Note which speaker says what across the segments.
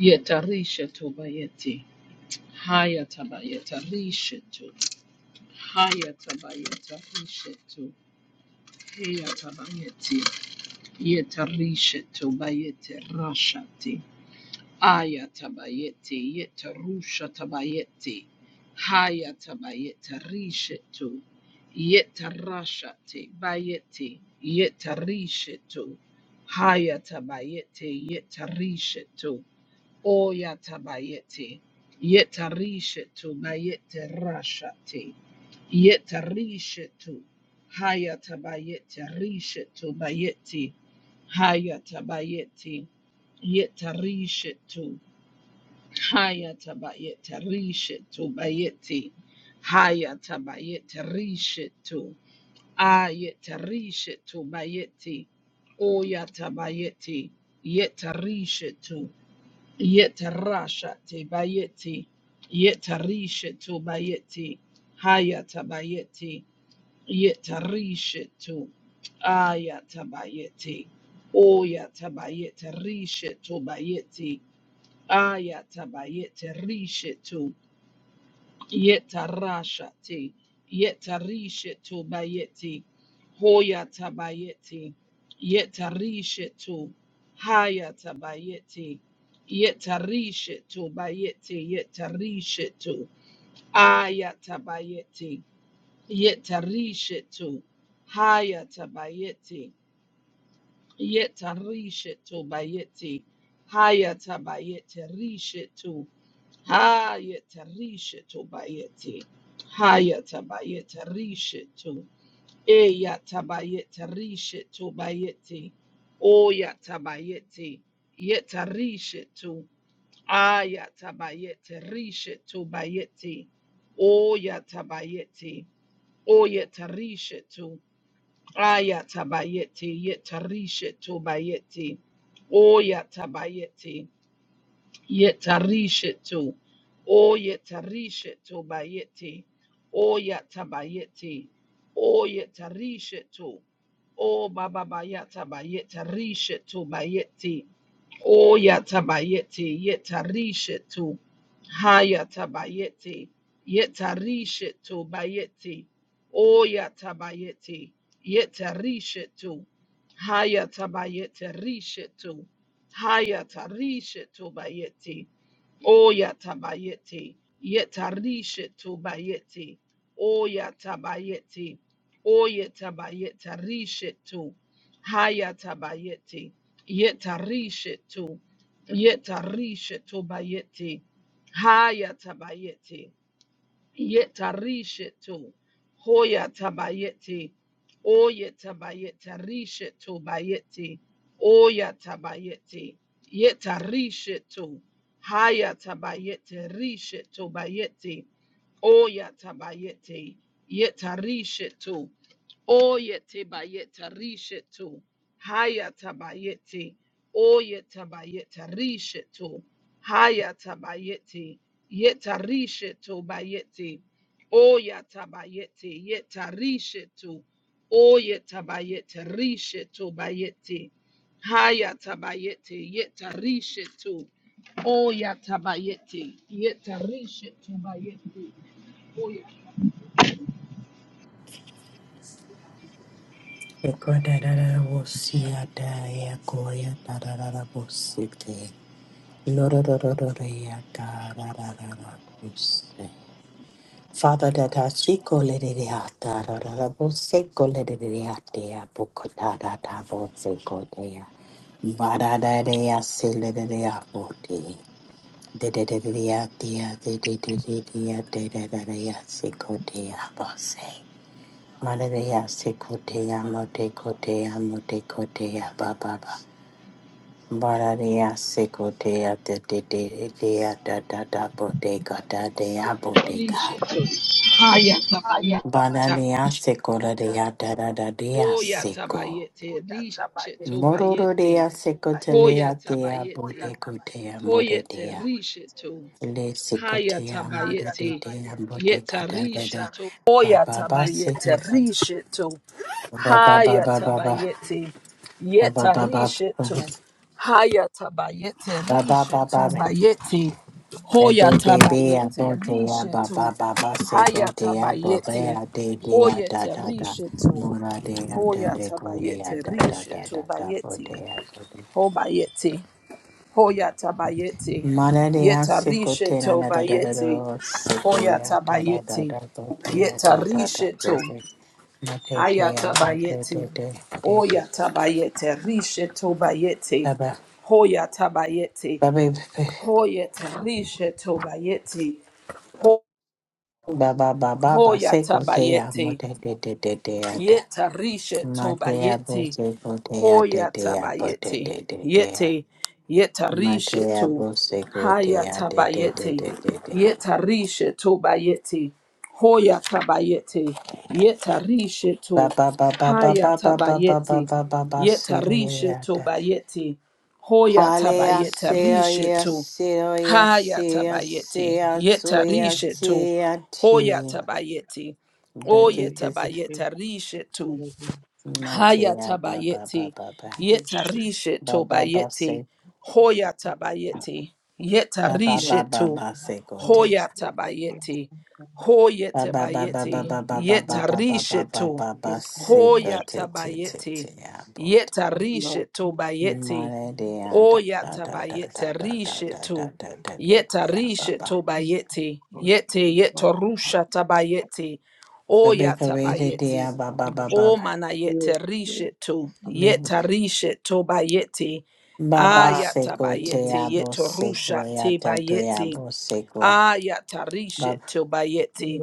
Speaker 1: Yetarisha tobayeti. Hayatabayeta rishetu. Hayatabayeta rishetu. Hayatabayeti. yetarishetu tobayete rashati. Ayatabayeti. Yetarusha tabayeti. Hayatabayeta rishetu. Yetarashati bayeti. Yetarishetu. Hayatabayeti. Yetarishetu. O yatabayeti. Yetarishetu bayete rashati. Yetarishetu. Hayatabayeti rishetu bayeti. Hayatabayeti. Yetarishetu. Hayatabayeti rishetu bayeti. Hayatabayeti rishetu. Ayetarishetu bayeti. O yatabayeti. Yetarishetu. Yetarashate bayeti. Yetarishetu bayeti. Hayata bayeti. Yetarishetu. Ayata bayeti. Oyata bayeta rishetu bayeti. Ayata bayeta rishetu. Yetarashati, yetarishetu bayeti, hoyatabayeti, yetarishetu, hayatabayeti, yetarishetu bayeti, yetarishetu, ayatabayeti, yetarishetu, hayatabayeti, yetarishetu bayeti, hayatabayeti, rishetu, Hayata rishetu bayeti. Hayata bayeta rishetu. Eyata bayeta rishetu bayeti. Oyata bayeti. Yeta rishetu. Ayata bayete rishetu bayeti. Oyata bayeti. Oyeta rishetu. Ayata bayeti. Yeta rishetu bayeti. Oyata bayeti. Yetarishetu. O yetarishetu bayeti. O yatabayeti. O yetarishetu. O baba bayata bayetarishetu bayeti. O yatabayeti. Yetarishetu. Hayatabayeti. Yetarishetu bayeti. O yatabayeti. Yetarishetu. Hayatabayeti rishetu. Hayatarisha tobayeti. Oyatabayeti. Yetarisha tobayeti. Oyatabayeti. Oyatabayetarisha to. Hayatabayeti. Yetarisha to. Yetarisha tobayeti. Hayatabayeti. Yetarishetu. Hoya tabayeti. Oya tabayeta rishetu bayeti. Oya tabayeti. Yetarishetu. Haya tabayeti rishetu bayeti. Oya tabayeti. Yetarishetu. Oyete bayeta rishetu. Hayata bayete. Oyeta bayeta rishetu. Hayata bayete. Yeta rishetu bayete. Oyata bayete. Yeta rishetu. Oyeta bayete rishetu bayete. Hayata bayete. Yeta rishetu. Oyata bayete. Yeta rishetu bayete. Oyata
Speaker 2: Ekodadada wosiada ekoya dadada bosite. Lororororoya dadada bosite. Father, that I seek all the diata, da da da, seek all the diata, book da da da, seek all the Bada da da ya sele da da ya bote. De de de de ya de ya de de de de de ya de da da da ya seko de ya bose. Mararia se cotea mote cotea mote cotea baba. Mararia se cotea de de te dea da da da boteca da dea boteca.
Speaker 1: rishetu. Hayata bayete.
Speaker 2: Mararia se corea da da da dea
Speaker 1: Hoya
Speaker 2: seco.
Speaker 1: tabayete, risheto
Speaker 2: Mororo dea
Speaker 1: bayete,
Speaker 2: seco te
Speaker 1: hoya
Speaker 2: lea dea
Speaker 1: tabayete,
Speaker 2: boteco dea more
Speaker 1: hoyete
Speaker 2: dea.
Speaker 1: risheto.
Speaker 2: Le seco tea more de
Speaker 1: Hayatabayete.
Speaker 2: dea boteca da da da.
Speaker 1: Yetarisheto. Oya
Speaker 2: Baba ba
Speaker 1: Tabayete,
Speaker 2: secotea.
Speaker 1: Risheto.
Speaker 2: ba ba ba
Speaker 1: Haya
Speaker 2: ba ba ba
Speaker 1: tabayete,
Speaker 2: ba ba ba.
Speaker 1: Yetarisheto.
Speaker 2: ba.
Speaker 1: Hayatabayete.
Speaker 2: Ba ba ba ba
Speaker 1: Risheto.
Speaker 2: ba. Ba
Speaker 1: Bayete.
Speaker 2: ba ba ba. I go to ya
Speaker 1: Hoyatabayete.
Speaker 2: ba ba
Speaker 1: Risheto.
Speaker 2: ba ba. Say go to ya ba ba
Speaker 1: Hayatabayete.
Speaker 2: ya de de ya da
Speaker 1: Hoyete.
Speaker 2: da da.
Speaker 1: Risheto.
Speaker 2: Mora de ya de de go de ya
Speaker 1: Hoyatabayete.
Speaker 2: da da da
Speaker 1: Risheto.
Speaker 2: da da. Bo
Speaker 1: Bayete.
Speaker 2: de ya go de.
Speaker 1: Hobayete. Hoya tabayeti.
Speaker 2: Mora de ya
Speaker 1: Yeta
Speaker 2: se go
Speaker 1: rishe
Speaker 2: te na
Speaker 1: to
Speaker 2: na da da da
Speaker 1: bayeti.
Speaker 2: da. Se go
Speaker 1: Hoya
Speaker 2: ya da da da
Speaker 1: tabayeti.
Speaker 2: da. Bo de ya
Speaker 1: Yeta
Speaker 2: da da da.
Speaker 1: rishe
Speaker 2: Bo
Speaker 1: to.
Speaker 2: de. Ma de
Speaker 1: Haya
Speaker 2: de ya bo de
Speaker 1: tabayeti.
Speaker 2: de de de de.
Speaker 1: Oya tabayete. Rishe to bayeti.
Speaker 2: Ba ba
Speaker 1: Hoya tabayeti.
Speaker 2: ba ba
Speaker 1: Hoya tarishe to bayeti. Ho-
Speaker 2: ba ba ba ba ba.
Speaker 1: Hoya
Speaker 2: go te ya mo
Speaker 1: tabayeti.
Speaker 2: de de de de de ya da.
Speaker 1: Yeta rishe
Speaker 2: Matea
Speaker 1: tobayeti.
Speaker 2: bose kotea
Speaker 1: Hoya
Speaker 2: tetea bote
Speaker 1: tabayeti.
Speaker 2: te te te.
Speaker 1: Yete. Yeta rishe
Speaker 2: Matea
Speaker 1: to.
Speaker 2: bose
Speaker 1: Haya
Speaker 2: kotea te te te
Speaker 1: tabayeti.
Speaker 2: te te te.
Speaker 1: Yeta rishe tobayeti. Hoya tabayeti. Yeta rishe
Speaker 2: Ba
Speaker 1: to.
Speaker 2: ba ba ba ba
Speaker 1: Haya
Speaker 2: ba ba ba ba ba
Speaker 1: tabayeti.
Speaker 2: ba ba ba
Speaker 1: Yeta rishe
Speaker 2: siroyata.
Speaker 1: tobayeti. Hoya
Speaker 3: I
Speaker 2: Halea
Speaker 1: tabayeta
Speaker 2: sea
Speaker 1: rishe
Speaker 2: ya
Speaker 1: to.
Speaker 2: siro ya
Speaker 1: Haya
Speaker 2: sea
Speaker 1: tabayeti.
Speaker 2: sea
Speaker 1: Yeta
Speaker 2: suya
Speaker 3: you
Speaker 1: rishe to.
Speaker 2: tia
Speaker 1: Hoya
Speaker 2: ti.
Speaker 1: tabayeti. Oh,
Speaker 2: But it
Speaker 1: yeta
Speaker 3: you
Speaker 2: is
Speaker 1: ba yeta rishe
Speaker 3: are
Speaker 1: tu.
Speaker 3: the son
Speaker 1: Haya
Speaker 2: Matea ba ba ba
Speaker 1: Hayatabayeti.
Speaker 2: ba ba.
Speaker 3: of the sheep.
Speaker 1: Yetarishe
Speaker 2: Ba ba ba
Speaker 1: tobayeti.
Speaker 2: se
Speaker 1: Hoyatabayeti.
Speaker 2: ba ba
Speaker 3: You are
Speaker 1: Yetarishe
Speaker 2: ba ba
Speaker 3: the
Speaker 1: to.
Speaker 2: ba
Speaker 3: one
Speaker 2: se
Speaker 1: Hoya
Speaker 3: Yes,
Speaker 1: tabayeti,
Speaker 3: I can
Speaker 2: Ba ba ba ba
Speaker 3: feel
Speaker 2: ba
Speaker 3: the
Speaker 1: Hoyatabayeti. Hoyetabayeti.
Speaker 2: ba ba ba ba
Speaker 3: love
Speaker 2: ba
Speaker 3: of
Speaker 2: ba ba
Speaker 1: Yetarishe
Speaker 2: ba
Speaker 1: to.
Speaker 2: ba ba sika
Speaker 1: Hoya
Speaker 2: te te te te
Speaker 1: Hoyatabayeti.
Speaker 2: abot.
Speaker 3: love
Speaker 1: Yetarishe
Speaker 3: you so
Speaker 1: tobayeti.
Speaker 2: Mare de da
Speaker 1: oya
Speaker 2: da da da da
Speaker 1: tabayeti,
Speaker 2: da da
Speaker 1: Rishe
Speaker 2: da da
Speaker 1: to.
Speaker 2: da da da ya ba
Speaker 1: Yetarishe
Speaker 2: ba.
Speaker 1: tobayeti.
Speaker 3: I
Speaker 1: Yete
Speaker 3: love you.
Speaker 1: yetorusha tabayeti.
Speaker 2: Baby
Speaker 1: oya
Speaker 3: Lord,
Speaker 2: karate de
Speaker 1: tabayeti.
Speaker 2: ba ba ba ba
Speaker 3: you.
Speaker 1: O
Speaker 2: ba.
Speaker 1: mana yete
Speaker 3: You
Speaker 1: rishetu,
Speaker 2: Baby-
Speaker 1: yeta rishetu bayeti,
Speaker 2: Ba ba
Speaker 3: are
Speaker 1: ayata
Speaker 2: siko
Speaker 3: the
Speaker 2: te ya
Speaker 1: bayeti, yeto
Speaker 2: siko
Speaker 1: rusha
Speaker 2: ya
Speaker 1: te
Speaker 2: te te ya
Speaker 1: bayeti,
Speaker 2: siko.
Speaker 1: ayata
Speaker 2: Ba
Speaker 1: rishetu bayeti,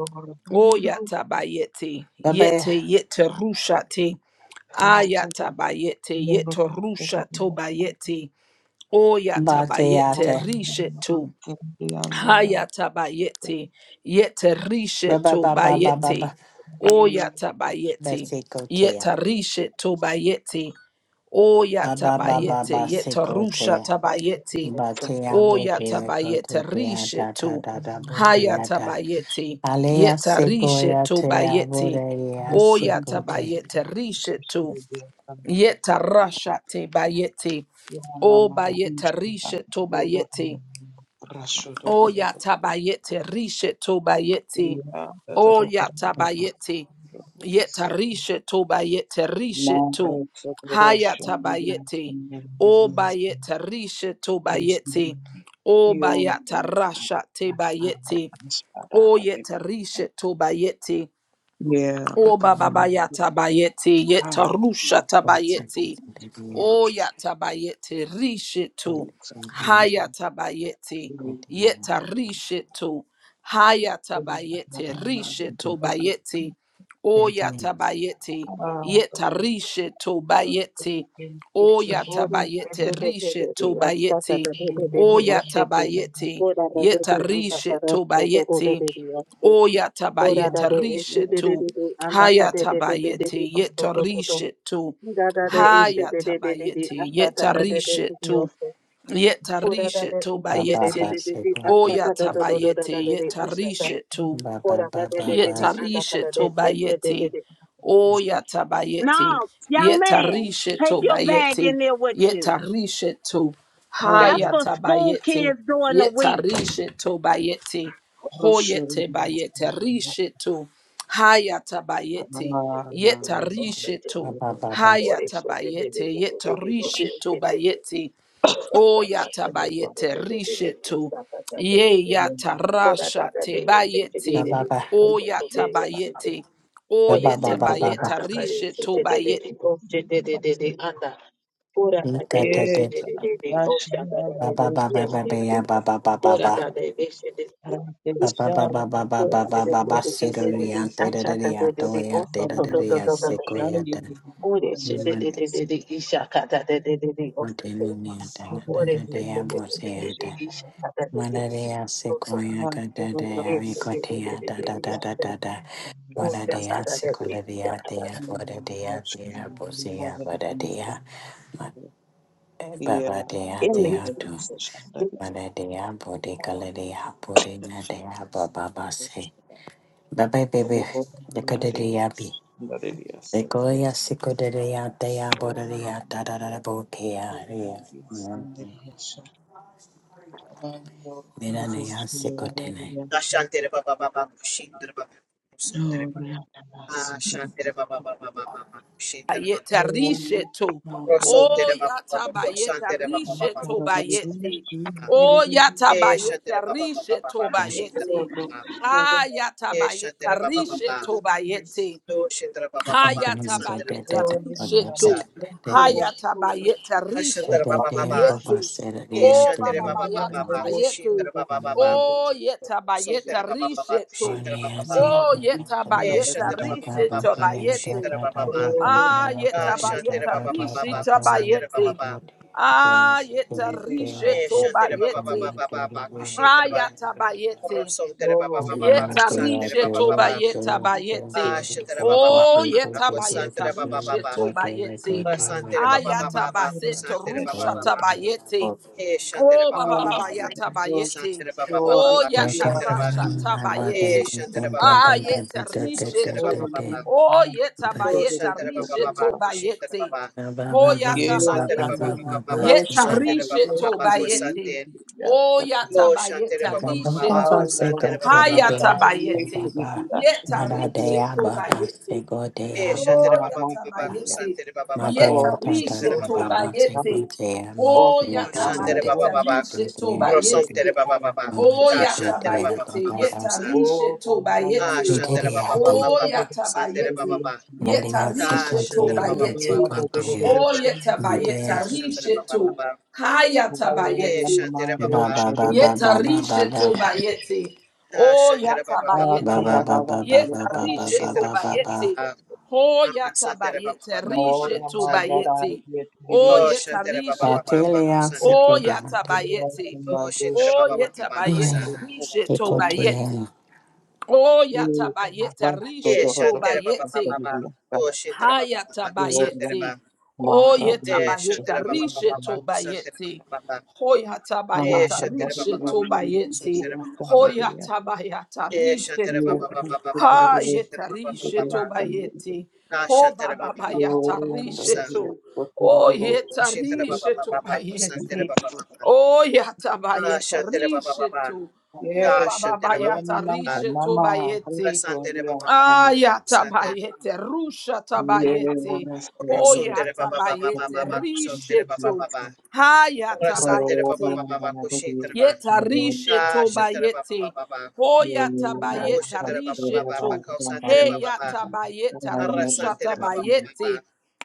Speaker 1: o yata bayeti,
Speaker 2: ba ba
Speaker 1: yete yete rusha te, ayata bayeti, yeto rusha to bayeti, o yata
Speaker 2: ba te ya
Speaker 1: bayete
Speaker 2: te.
Speaker 1: rishetu. Hayatabayeti, yetarishe
Speaker 2: Ba ba ba ba ba ba
Speaker 1: tobayeti,
Speaker 2: ba ba
Speaker 1: oyatabayeti,
Speaker 2: siko te ya.
Speaker 1: yetarishe to bayeti.
Speaker 2: Ba ba ba ba
Speaker 1: oyatabayeti,
Speaker 2: ba siko te
Speaker 1: yetarusha tabayeti,
Speaker 2: Batea botea
Speaker 1: oyatabayeti,
Speaker 2: cotea
Speaker 1: rishe
Speaker 2: ta ta
Speaker 1: to,
Speaker 2: ta ta botea ta.
Speaker 1: hayatabayeti,
Speaker 2: Alea
Speaker 1: yetarishe
Speaker 2: sequoia tea
Speaker 1: tobayeti,
Speaker 2: borea secote.
Speaker 1: oyatabayeti, rishe to, yetarasha te bayeti, obayetarishe to bayeti. O yatabayete rishe tobayete. O yatabayete. Yeta rishe tobayete rishe to. Hayatabayete. O bayete rishe tobayete. O bayata rasha tebayete. O yeta rishe tobayete. O bababayata bayeti yetarusha
Speaker 2: Baba
Speaker 1: tabayeti. O yatabayeti rishitu. Hayatabayeti yetarishitu.
Speaker 3: Yes,
Speaker 1: Hayatabayeti rishitu bayeti. O yatabayeti yetarishitu bayeti. O
Speaker 4: Ori
Speaker 1: yatabayeti
Speaker 4: sete de de de
Speaker 1: rishitu
Speaker 4: de asata
Speaker 1: bayeti.
Speaker 4: de de de de
Speaker 1: O
Speaker 4: de osete.
Speaker 1: yatabayeti
Speaker 4: Ora de de de anda
Speaker 1: yetarishitu
Speaker 4: parasto gogo
Speaker 1: bayeti.
Speaker 4: de de de aste. Ora da
Speaker 1: Oyatabayeta
Speaker 4: de eshe de de
Speaker 1: rishetu.
Speaker 4: de de anda pate de de de de de
Speaker 1: Hayatabayete
Speaker 4: osto
Speaker 1: yeta
Speaker 4: to to
Speaker 1: rishetu.
Speaker 4: Da da de eshe de de de de de
Speaker 1: Hayatabayete
Speaker 4: asata
Speaker 1: yeta
Speaker 4: da de de de de
Speaker 1: rishetu.
Speaker 4: oste.
Speaker 1: Yeta
Speaker 4: Ora da de
Speaker 1: rishetu
Speaker 4: eshe de de de
Speaker 1: bayete.
Speaker 2: baba
Speaker 4: de de de
Speaker 2: secote.
Speaker 4: asata da da da da da da
Speaker 1: Oyatabayete
Speaker 4: de de
Speaker 1: yeta
Speaker 4: asata.
Speaker 1: rishetu.
Speaker 2: Baba
Speaker 4: Ora da
Speaker 2: baba
Speaker 4: de de de
Speaker 2: baba.
Speaker 4: de anda
Speaker 1: Yetarishe
Speaker 4: pate de eshe de de
Speaker 1: tobayeti.
Speaker 4: de.
Speaker 1: O yatabayeti.
Speaker 4: Now, young man,
Speaker 1: Yetarishe
Speaker 4: take your bag
Speaker 1: tobayeti.
Speaker 4: in there with you.
Speaker 1: Yetarishe to.
Speaker 4: That's for school
Speaker 1: Hayatabayeti.
Speaker 4: kids during the week.
Speaker 1: Yetarishe tobayeti. Hoyete bayete. Rishe to. Hayatabayeti. Yetarishe to.
Speaker 2: Baba baba.
Speaker 1: Hayatabayete. Yetarishe tobayeti. O yata bayete risheto. Ye yata rasha te bayete.
Speaker 2: Baba baba.
Speaker 1: O yata bayete. O
Speaker 2: Baba
Speaker 1: yeta
Speaker 2: baba
Speaker 1: bayeta
Speaker 2: baba.
Speaker 1: risheto bayete.
Speaker 2: Ikata. Baba baba
Speaker 4: Yes,
Speaker 2: baba.
Speaker 4: thank
Speaker 2: Baba baba baba.
Speaker 4: you.
Speaker 2: Ba ba ba ba ba ba ba ba ba ba. Sidoria, Sidoria, Doria, Sidoria, Sequoia. One, what do you mean?
Speaker 3: Oh,
Speaker 2: That that they have was here. Manaria,
Speaker 4: Thank
Speaker 2: Sequoia, Gada, Ricotia, da da da da da da. Manaria, Sequoia, there, what a dea, there, Bosia, what a dea, Baba dea, there, too. What a dea, Bodicala dea, Bodina dea, Baba Bassi. Baba, baby, the Cadadia Degoya sikodeya deya bodeya da da da da bodeya deya. Mira deya sikotene.
Speaker 5: Ashantere baba baba shindere baba suntere baba ashantere baba baba baba shindere baba
Speaker 1: Bayeta
Speaker 3: Oh,
Speaker 1: risheto. O
Speaker 5: prosuntere baba
Speaker 1: yata
Speaker 5: baba
Speaker 1: bayeta
Speaker 5: prosuntere baba baba
Speaker 1: risheto
Speaker 5: suntere
Speaker 1: bayete.
Speaker 5: baba
Speaker 1: O yata
Speaker 5: e
Speaker 1: bayeta
Speaker 5: shantere baba baba
Speaker 1: risheto
Speaker 5: baba
Speaker 2: Good.
Speaker 5: shindere
Speaker 1: bayete.
Speaker 5: baba
Speaker 1: Ah yata
Speaker 5: e
Speaker 1: bayeta
Speaker 5: shantere baba baba
Speaker 1: risheto bayete.
Speaker 5: do shindere baba
Speaker 2: Ikon
Speaker 5: baba
Speaker 2: deya
Speaker 1: Hayata
Speaker 2: da
Speaker 5: suntere
Speaker 2: da
Speaker 1: bayeta
Speaker 2: da da
Speaker 5: baba
Speaker 2: bodeka
Speaker 1: rishetu.
Speaker 5: sa
Speaker 2: da da da da
Speaker 1: Hayata bayeta
Speaker 5: ashantere
Speaker 2: da
Speaker 1: rishetu
Speaker 5: baba
Speaker 2: deya
Speaker 5: baba
Speaker 2: baba
Speaker 1: bayete.
Speaker 2: sera
Speaker 5: e
Speaker 2: deya
Speaker 1: Oh
Speaker 5: shantere
Speaker 1: baba
Speaker 2: deya
Speaker 5: baba baba
Speaker 1: bayata
Speaker 5: baba
Speaker 2: deya.
Speaker 1: bayete.
Speaker 5: shindere baba baba
Speaker 2: Bodeya
Speaker 1: Oh yeta bayeta
Speaker 5: suntere baba baba
Speaker 1: rishetu.
Speaker 5: shindere baba baba
Speaker 1: Oh
Speaker 2: sikoya
Speaker 1: yeta
Speaker 2: da
Speaker 5: e
Speaker 2: da da
Speaker 1: bayeta
Speaker 5: shantere
Speaker 2: da
Speaker 5: baba
Speaker 2: da
Speaker 5: baba
Speaker 1: rishetu
Speaker 5: baba
Speaker 2: bodeya da
Speaker 1: bayete.
Speaker 5: shindere
Speaker 2: da
Speaker 5: baba
Speaker 2: da
Speaker 5: baba
Speaker 2: da
Speaker 1: Ah
Speaker 2: bodeya da
Speaker 5: Ah,
Speaker 1: yeta
Speaker 2: da
Speaker 5: Shantira
Speaker 1: bayeta
Speaker 2: da da
Speaker 5: Baba Baba
Speaker 2: da da
Speaker 5: Baba,
Speaker 1: rishetu
Speaker 2: doya
Speaker 5: Kusantira
Speaker 2: da
Speaker 5: Baba
Speaker 1: bayete.
Speaker 2: da
Speaker 5: Baba,
Speaker 2: deya
Speaker 1: Ah yeta
Speaker 2: deya deya
Speaker 5: Eh,
Speaker 1: rishetu
Speaker 5: Shantira Baba Baba
Speaker 1: bayete.
Speaker 2: bosikoya
Speaker 5: Baba
Speaker 2: deya
Speaker 5: Baba, Kushintira Baba,
Speaker 1: Ayata
Speaker 2: deya.
Speaker 1: bayete.
Speaker 5: Rosantira Baba
Speaker 2: Baba
Speaker 5: Baba Baba,
Speaker 1: Yeta
Speaker 5: Kusantira
Speaker 1: rishe
Speaker 5: Baba
Speaker 1: toba
Speaker 5: Baba,
Speaker 1: yeta bayete.
Speaker 5: Ah, Shantira Baba
Speaker 1: Oh
Speaker 5: Baba Baba,
Speaker 1: yeta bayeta
Speaker 5: Kusantira Baba
Speaker 1: rishe
Speaker 5: Baba,
Speaker 1: toba yete.
Speaker 5: Rasantira Baba Baba
Speaker 1: Ayata
Speaker 5: Baba,
Speaker 1: basete
Speaker 5: Kusantira Baba
Speaker 1: rusha
Speaker 5: Baba,
Speaker 1: tabayete.
Speaker 5: Eh, Shantira
Speaker 1: Oh
Speaker 5: Baba
Speaker 1: baba
Speaker 5: Baba Baba,
Speaker 3: Ay,
Speaker 1: baba yata
Speaker 3: hermanos,
Speaker 1: bayete.
Speaker 5: Kusantira Baba Baba
Speaker 3: yo
Speaker 1: Oh
Speaker 5: Baba,
Speaker 3: recibía
Speaker 1: yata
Speaker 5: Kushintira Baba,
Speaker 1: rasha
Speaker 3: y saca
Speaker 5: Eh,
Speaker 1: tabayete.
Speaker 5: Shantira Baba
Speaker 1: Ah
Speaker 5: Baba,
Speaker 1: yeta rishe
Speaker 5: Rosantira
Speaker 1: to.
Speaker 5: Baba
Speaker 3: por mi
Speaker 5: Baba,
Speaker 1: Oh
Speaker 3: mano.
Speaker 1: yeta
Speaker 3: Yo
Speaker 5: Oh,
Speaker 3: te lo
Speaker 1: bayeta
Speaker 5: Shantira
Speaker 3: digo,
Speaker 5: Baba
Speaker 3: te lo
Speaker 1: rishe
Speaker 5: Baba,
Speaker 3: digo.
Speaker 1: toba
Speaker 5: Kushintira
Speaker 1: yete.
Speaker 5: Baba,
Speaker 1: Ho
Speaker 3: Yeah,
Speaker 1: yata
Speaker 5: Santira
Speaker 3: and
Speaker 5: Baba
Speaker 1: bayete.
Speaker 3: I'm a
Speaker 5: Baba Baba,
Speaker 3: rush,
Speaker 1: Yeta
Speaker 3: and I'm
Speaker 5: Kusantira
Speaker 1: rishe
Speaker 5: Baba
Speaker 3: to
Speaker 1: to
Speaker 5: Baba,
Speaker 3: the beach,
Speaker 5: Kusantira
Speaker 1: bayete.
Speaker 3: yes,
Speaker 1: O
Speaker 3: I
Speaker 1: yata
Speaker 5: Lo shantere
Speaker 1: bayeta
Speaker 5: baba baba
Speaker 1: rishe
Speaker 5: baku
Speaker 1: to.
Speaker 3: am a
Speaker 5: santere baba
Speaker 3: rush,
Speaker 5: baku
Speaker 3: and
Speaker 1: Hayata
Speaker 3: I'm to
Speaker 1: bayete.
Speaker 3: the beach, and
Speaker 1: Yeta
Speaker 3: I'm here
Speaker 1: rishe to bayete.
Speaker 5: e
Speaker 3: from a
Speaker 5: shantere
Speaker 1: O
Speaker 5: baba
Speaker 1: yata
Speaker 5: baba baku
Speaker 3: man,
Speaker 1: bayete.
Speaker 5: santere baba baba baku
Speaker 2: Matea
Speaker 1: Yeta
Speaker 3: or
Speaker 2: ta ta
Speaker 5: suntere
Speaker 1: rishe
Speaker 2: ta
Speaker 5: baba
Speaker 1: to
Speaker 2: ta ba se ko
Speaker 1: bayete.
Speaker 2: te ma
Speaker 3: or
Speaker 1: O
Speaker 2: te
Speaker 5: lo
Speaker 2: ta
Speaker 1: yata
Speaker 3: I'm
Speaker 2: te
Speaker 3: a
Speaker 5: shantere
Speaker 2: te
Speaker 5: baba
Speaker 1: bayete
Speaker 5: baba
Speaker 2: te
Speaker 3: rush,
Speaker 2: te
Speaker 5: baku
Speaker 1: rishe to
Speaker 3: not to
Speaker 2: te
Speaker 5: santere
Speaker 1: bayete.
Speaker 5: baba baba
Speaker 2: te ma
Speaker 1: O
Speaker 3: be.
Speaker 2: se
Speaker 5: ta
Speaker 2: ko
Speaker 1: yata
Speaker 5: shantere
Speaker 2: te ta
Speaker 5: baba
Speaker 2: ta
Speaker 5: baba
Speaker 1: bayete.
Speaker 5: baku
Speaker 2: ta
Speaker 1: Yeta
Speaker 5: sa
Speaker 3: Oh,
Speaker 1: rishe to
Speaker 5: a
Speaker 1: bayete.
Speaker 2: te te
Speaker 5: shantere
Speaker 2: te
Speaker 5: baba
Speaker 2: ya
Speaker 5: baba
Speaker 2: te
Speaker 1: O
Speaker 5: baba baku
Speaker 1: yata
Speaker 5: santere baba
Speaker 1: bayete.
Speaker 5: baba
Speaker 2: na de
Speaker 1: Yeta
Speaker 2: ya se
Speaker 5: ta
Speaker 2: ko
Speaker 1: rishe to
Speaker 5: shantere
Speaker 2: te
Speaker 5: baba
Speaker 2: ba se
Speaker 5: baba
Speaker 1: bayete.
Speaker 2: ko
Speaker 5: baku
Speaker 2: te ya
Speaker 5: shintere
Speaker 1: O
Speaker 5: baba
Speaker 2: ma te ya
Speaker 5: a
Speaker 1: yetabayeta
Speaker 5: shantere baba
Speaker 1: rishetu.
Speaker 5: baba e
Speaker 1: Hayatabayeti.
Speaker 5: shantere baba
Speaker 2: ba
Speaker 5: baba
Speaker 2: ba ba ba
Speaker 1: Yeta
Speaker 2: ba ba ba ba
Speaker 1: rishetu bayeti.
Speaker 5: a
Speaker 1: O
Speaker 5: shantere baba baba
Speaker 2: ba ba
Speaker 1: yatabayeti.
Speaker 5: baba
Speaker 2: ba ba
Speaker 1: Yeta
Speaker 2: ba ba ba ba
Speaker 5: ko
Speaker 2: ba ba
Speaker 5: shintere
Speaker 1: rishetu
Speaker 5: baba
Speaker 2: ba ba
Speaker 1: bayeti.
Speaker 5: a
Speaker 1: Ho
Speaker 5: santere baba
Speaker 1: yatabayete
Speaker 5: baba baku
Speaker 1: rishetu
Speaker 5: sa
Speaker 1: bayeti. O
Speaker 5: Oh,
Speaker 1: yeta
Speaker 5: Shantara Baba
Speaker 2: ba
Speaker 5: Baba
Speaker 2: te
Speaker 1: rishetu.
Speaker 5: Baba,
Speaker 2: le ya se
Speaker 5: Santara
Speaker 1: O
Speaker 2: ko te
Speaker 5: Baba.
Speaker 2: ya te
Speaker 1: yatabayeti.
Speaker 5: Oh, Shantara
Speaker 1: O
Speaker 5: Baba Baba Baba,
Speaker 1: yetabayete
Speaker 5: San.
Speaker 2: se
Speaker 1: rishetu
Speaker 2: ko te ya se ko
Speaker 1: bayeti.
Speaker 2: te
Speaker 1: O yatabayete
Speaker 5: Yeah,
Speaker 1: rishetu
Speaker 5: Shantara Baba Baba
Speaker 1: bayeti.
Speaker 5: Baba. Oh, Shantara Baba Baba Baba, Santara
Speaker 1: Hayatabayeti.
Speaker 5: Baba. Yeah,
Speaker 1: Oyetabayeta.
Speaker 5: Shantara Baba Baba
Speaker 3: Mahra
Speaker 5: Baba, Santara
Speaker 1: Rishetobayeti.
Speaker 5: Baba Baba. Yeah,
Speaker 3: Abantu
Speaker 1: Hoyatabayeta.
Speaker 5: Shantara Baba Baba Baba,
Speaker 3: bashinzwe
Speaker 1: Rishetobayeti.
Speaker 5: Santara Baba Baba.
Speaker 3: kubasandarira
Speaker 1: Hoyatabayeta.
Speaker 5: Yeah, Shantara
Speaker 1: Risheto.
Speaker 5: Baba Baba
Speaker 3: n'ibikoresho
Speaker 5: Baba Baba,
Speaker 3: biriho
Speaker 5: Shantara
Speaker 1: Hayeta.
Speaker 5: Baba Baba Baba.
Speaker 3: ibibasandarira
Speaker 1: Rishetobayeti.
Speaker 5: Ah, Shantara Baba Baba Baba,
Speaker 1: Hobababayata.
Speaker 3: uburenganzira
Speaker 5: San.
Speaker 1: Risheto.
Speaker 5: Oh,
Speaker 1: Oyeta.
Speaker 5: Shantara
Speaker 3: bw'abaturarwanda
Speaker 5: Baba Baba Baba, Santara
Speaker 1: Rishetobayeti.
Speaker 5: Baba Baba. Ah,
Speaker 1: Oyatabayeta.
Speaker 5: Shantara Baba Baba.
Speaker 1: Risheto.
Speaker 5: Ah,
Speaker 3: yebese
Speaker 5: Shantara Baba
Speaker 1: Hobababayata.
Speaker 5: Baba
Speaker 3: kuyamama
Speaker 5: Baba.
Speaker 1: Risheto
Speaker 3: hanama
Speaker 1: bayeti.
Speaker 5: Rasantara
Speaker 3: hakurya
Speaker 5: Baba
Speaker 3: yana
Speaker 1: Aya
Speaker 5: Baba.
Speaker 1: tabayete, rusha tabayete,
Speaker 3: yebese rero
Speaker 1: hoya
Speaker 5: Rasotere baba baba baba
Speaker 1: tabayete,
Speaker 5: baba sotere baba
Speaker 1: rishetu,
Speaker 5: baba
Speaker 3: bashaka
Speaker 1: haya
Speaker 5: rasantere baba
Speaker 1: tabayete.
Speaker 5: baba baba kushintere baba
Speaker 1: Yeta rishe to
Speaker 5: tashintere baba baba
Speaker 1: bayete.
Speaker 5: baba
Speaker 3: Rihanna
Speaker 1: Hoya tabayeta
Speaker 5: toshintere baba
Speaker 1: rishe
Speaker 5: baba baba
Speaker 1: to.
Speaker 5: kausantere baba
Speaker 1: Heya
Speaker 5: baba
Speaker 1: tabayeta rusha
Speaker 5: arasantere baba baba baba
Speaker 1: tabayete.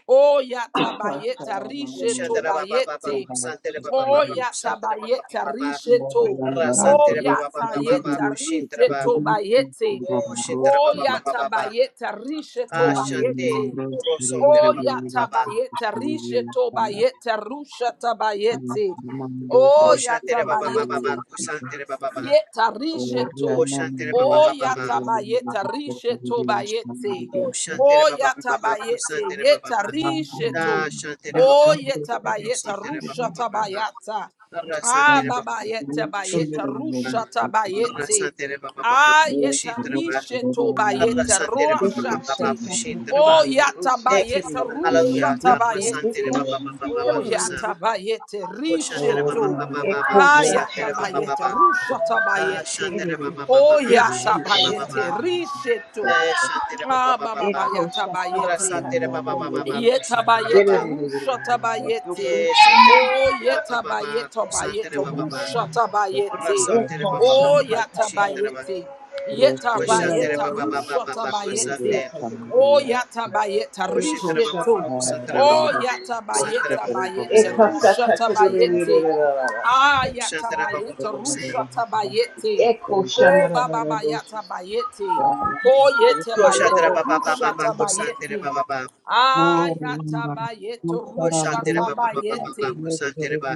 Speaker 1: Oya tabayeta rishe to
Speaker 5: kushantere baba baba baba
Speaker 1: bayete.
Speaker 5: kusantere baba baba
Speaker 1: Oya
Speaker 5: kusantere baba baba
Speaker 1: tabayeta rishe to.
Speaker 5: rasantere
Speaker 1: Oya
Speaker 5: baba baba baba
Speaker 1: tayeta
Speaker 5: kushintere
Speaker 1: rishe
Speaker 5: baba
Speaker 1: to bayete.
Speaker 5: toshintere baba
Speaker 1: Oya
Speaker 5: baba baba
Speaker 1: tabayeta rishe to
Speaker 5: ashante
Speaker 1: bayete.
Speaker 5: urosontere baba
Speaker 1: Oya
Speaker 5: baba baba
Speaker 1: tabayeta rishe to bayete rusha tabayete. Oh
Speaker 5: toshantere baba baba baba
Speaker 1: yatabayete.
Speaker 5: kusantere baba baba
Speaker 1: Yeta risheto.
Speaker 5: toshantere baba
Speaker 1: Oh
Speaker 3: Rose
Speaker 5: baba baba
Speaker 3: Rihanna
Speaker 1: yatabayeta risheto bayete.
Speaker 5: Oh, Shantere
Speaker 1: Oh
Speaker 5: Baba Baba
Speaker 1: yatabayete.
Speaker 5: Santere Baba
Speaker 1: Yeta
Speaker 3: Thank
Speaker 1: risheto.
Speaker 5: Da Shantere Baba
Speaker 1: Oh
Speaker 5: Baba Ko
Speaker 1: yetabayeta
Speaker 5: Santere Baba
Speaker 1: rusha
Speaker 5: Baba Ma.
Speaker 1: tabayata.
Speaker 5: Ra
Speaker 1: Ah
Speaker 5: Santere Baba
Speaker 3: you.
Speaker 1: babayeta bayeta
Speaker 5: Shintere Baba
Speaker 1: rusha
Speaker 5: Ra
Speaker 1: tabayete.
Speaker 5: Santere Baba Baba
Speaker 1: Ah yeta
Speaker 5: Shintere Ba.
Speaker 1: risheto
Speaker 5: Ra
Speaker 1: bayeta
Speaker 5: Santere Baba
Speaker 6: Echo
Speaker 5: Baba
Speaker 1: rushate.
Speaker 5: Shintere Ba.
Speaker 1: Oh
Speaker 5: Thank you,
Speaker 1: yatabayeta
Speaker 5: Father. Hallelujah.
Speaker 1: rusha
Speaker 5: Da Ra Santere
Speaker 1: tabayete.
Speaker 5: Baba Baba Baba
Speaker 1: Oh,
Speaker 5: Ko
Speaker 1: yatabayete,
Speaker 5: Shantere Baba
Speaker 1: risheto.
Speaker 5: Baba Baba
Speaker 1: Ah,
Speaker 5: Santere Baba
Speaker 1: yatabayete,
Speaker 5: Baba. Da
Speaker 1: rushatabayete.
Speaker 5: Shantere Baba Baba
Speaker 1: Oh,
Speaker 5: Shintere Baba
Speaker 1: yatabayete,
Speaker 5: Da
Speaker 1: risheto.
Speaker 5: Shantere Baba
Speaker 1: Ah,
Speaker 5: Baba
Speaker 1: baba
Speaker 5: Ra
Speaker 1: yatabayete.
Speaker 5: Santere Baba Baba Shintere Baba.
Speaker 1: Yetabayeto rusha tabayeti,
Speaker 5: Eh, shantere ba ba
Speaker 1: Oh
Speaker 5: ba ba ba ba,
Speaker 1: yetabayeto
Speaker 5: santere
Speaker 1: bayeto
Speaker 5: ba ba ba,
Speaker 1: rusha
Speaker 5: ba
Speaker 1: tabayeti,
Speaker 5: santere ba ba ba
Speaker 1: Oh
Speaker 5: ba ba, shintere ba,
Speaker 1: yatabayete.
Speaker 5: o
Speaker 3: Rostere
Speaker 5: shantere
Speaker 1: Yetabayeta
Speaker 5: ba ba ba ba
Speaker 1: rusha
Speaker 5: ba ba, ba
Speaker 1: tabayeti,
Speaker 5: sante,
Speaker 1: Oh yatabayeta
Speaker 5: o shintere ba ba ba,
Speaker 1: risheto.
Speaker 5: santere ba ba
Speaker 1: Oh
Speaker 5: ba, santere ba,
Speaker 1: yatabayeta bayete
Speaker 5: santere ba ba,
Speaker 1: rusha tabayeti, Ah
Speaker 5: o shantere ba ba ba,
Speaker 1: yatabayete
Speaker 5: santere,
Speaker 1: rusha tabayeti, Oh
Speaker 6: shaka
Speaker 1: baba bayata bayete. Oh yete
Speaker 5: o
Speaker 1: bayete
Speaker 5: shantere ba ba ba ba
Speaker 1: rusha
Speaker 5: ba, o santere ba
Speaker 1: tabayete.
Speaker 5: ba ba,
Speaker 1: Ayatabayete,
Speaker 5: o shantere ba ba ba ba ba
Speaker 1: rushatabayete,
Speaker 5: ba, santere ba,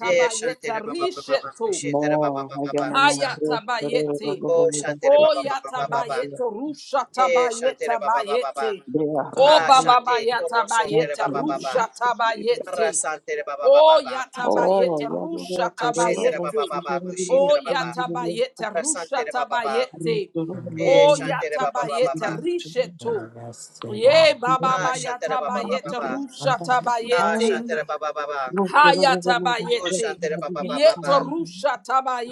Speaker 5: eh, shantere ba ba ba ba ba,
Speaker 1: risheto.
Speaker 5: shintere ba ba ba ba ba, o sa,
Speaker 1: Hayatabayete.
Speaker 5: o shantere ba ba ba ba ba
Speaker 1: Oyatabayete.
Speaker 5: eh, shantere ba ba ba ba ba.
Speaker 1: Rushatabayetabayete. O
Speaker 5: Ah, Shante, Koro Sontere
Speaker 1: bababayatabayete.
Speaker 5: Baba Baba,
Speaker 1: Rushatabayete.
Speaker 5: Rasantere Baba Baba Baba,
Speaker 3: Oh,
Speaker 1: Oyatabayete.
Speaker 3: Yaboro, Tereba,
Speaker 5: Shentere Baba
Speaker 1: Rushatabayete.
Speaker 5: Baba,
Speaker 3: Shigeri,
Speaker 5: Kushintere Baba,
Speaker 1: Oyatabayete.
Speaker 5: Rasantere Baba Baba,
Speaker 1: Rushatabayete.
Speaker 5: Eh, Shantere Baba Baba
Speaker 1: Oyatabayete.
Speaker 5: Baba,
Speaker 1: Risheto. Ye baba
Speaker 5: Ah, Shantere
Speaker 1: bayata
Speaker 5: Baba Baba
Speaker 1: bayete.
Speaker 5: Baba,
Speaker 1: rusha
Speaker 5: Ah,
Speaker 1: tabayete.
Speaker 5: Shantere Baba Baba, Oh,
Speaker 1: Hayatabayete.
Speaker 5: Shantere Baba Baba Baba,
Speaker 1: Yetarusha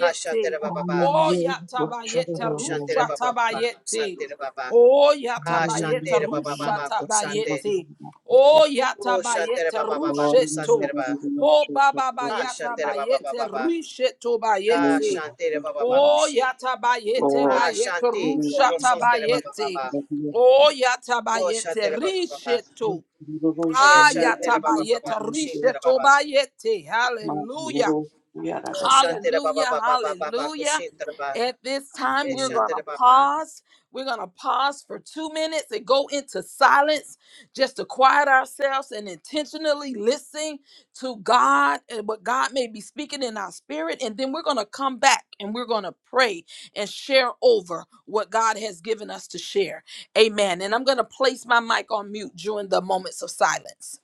Speaker 5: Ah, Shantere Baba Baba,
Speaker 1: Oh yatabayete
Speaker 5: Oh, Shantere
Speaker 1: rusha
Speaker 5: Baba Baba,
Speaker 1: tabayete.
Speaker 5: Santere Baba,
Speaker 1: Oh
Speaker 5: Ah,
Speaker 1: yatabayete
Speaker 5: Shantere Baba
Speaker 1: rusha
Speaker 5: Baba, Kusante,
Speaker 1: tabayete. Oh
Speaker 5: Oh, Shantere
Speaker 1: yatabayete
Speaker 5: Baba Baba, Kusantere
Speaker 1: rusheto.
Speaker 5: Baba,
Speaker 1: Oh baba
Speaker 5: Ah,
Speaker 1: bayata
Speaker 5: Shantere Baba Baba
Speaker 1: bayete
Speaker 5: Baba,
Speaker 1: risheto
Speaker 5: Ah,
Speaker 1: bayete.
Speaker 5: Shantere Baba Baba,
Speaker 1: Oh
Speaker 5: Kushi.
Speaker 1: yatabayete
Speaker 5: Ah,
Speaker 1: bayete
Speaker 5: Shanti,
Speaker 3: Lord
Speaker 1: rusha
Speaker 5: Koro Song Tere Baba
Speaker 1: tabayete.
Speaker 5: Baba,
Speaker 1: Oh
Speaker 5: Oh
Speaker 1: yatabayete
Speaker 5: Baba Baba,
Speaker 1: risheto.
Speaker 5: Eh Shantere Baba Baba,
Speaker 1: Ayatabayeta
Speaker 5: Shintere Baba,
Speaker 1: rishetobayete. Hallelujah.
Speaker 5: Oh Shantere Baba
Speaker 1: Hallelujah.
Speaker 5: Baba Baba Baba,
Speaker 1: Hallelujah.
Speaker 5: Baba,
Speaker 1: At this time,
Speaker 5: Eh
Speaker 1: we're going
Speaker 5: Shantere
Speaker 1: to
Speaker 5: Baba.
Speaker 1: pause. We're going to pause for two minutes and go into silence just to quiet ourselves and intentionally listen to God and what God may be speaking in our spirit. And then we're going to come back and we're going to pray and share over what God has given us to share. Amen. And I'm going to place my mic on mute during the moments of silence.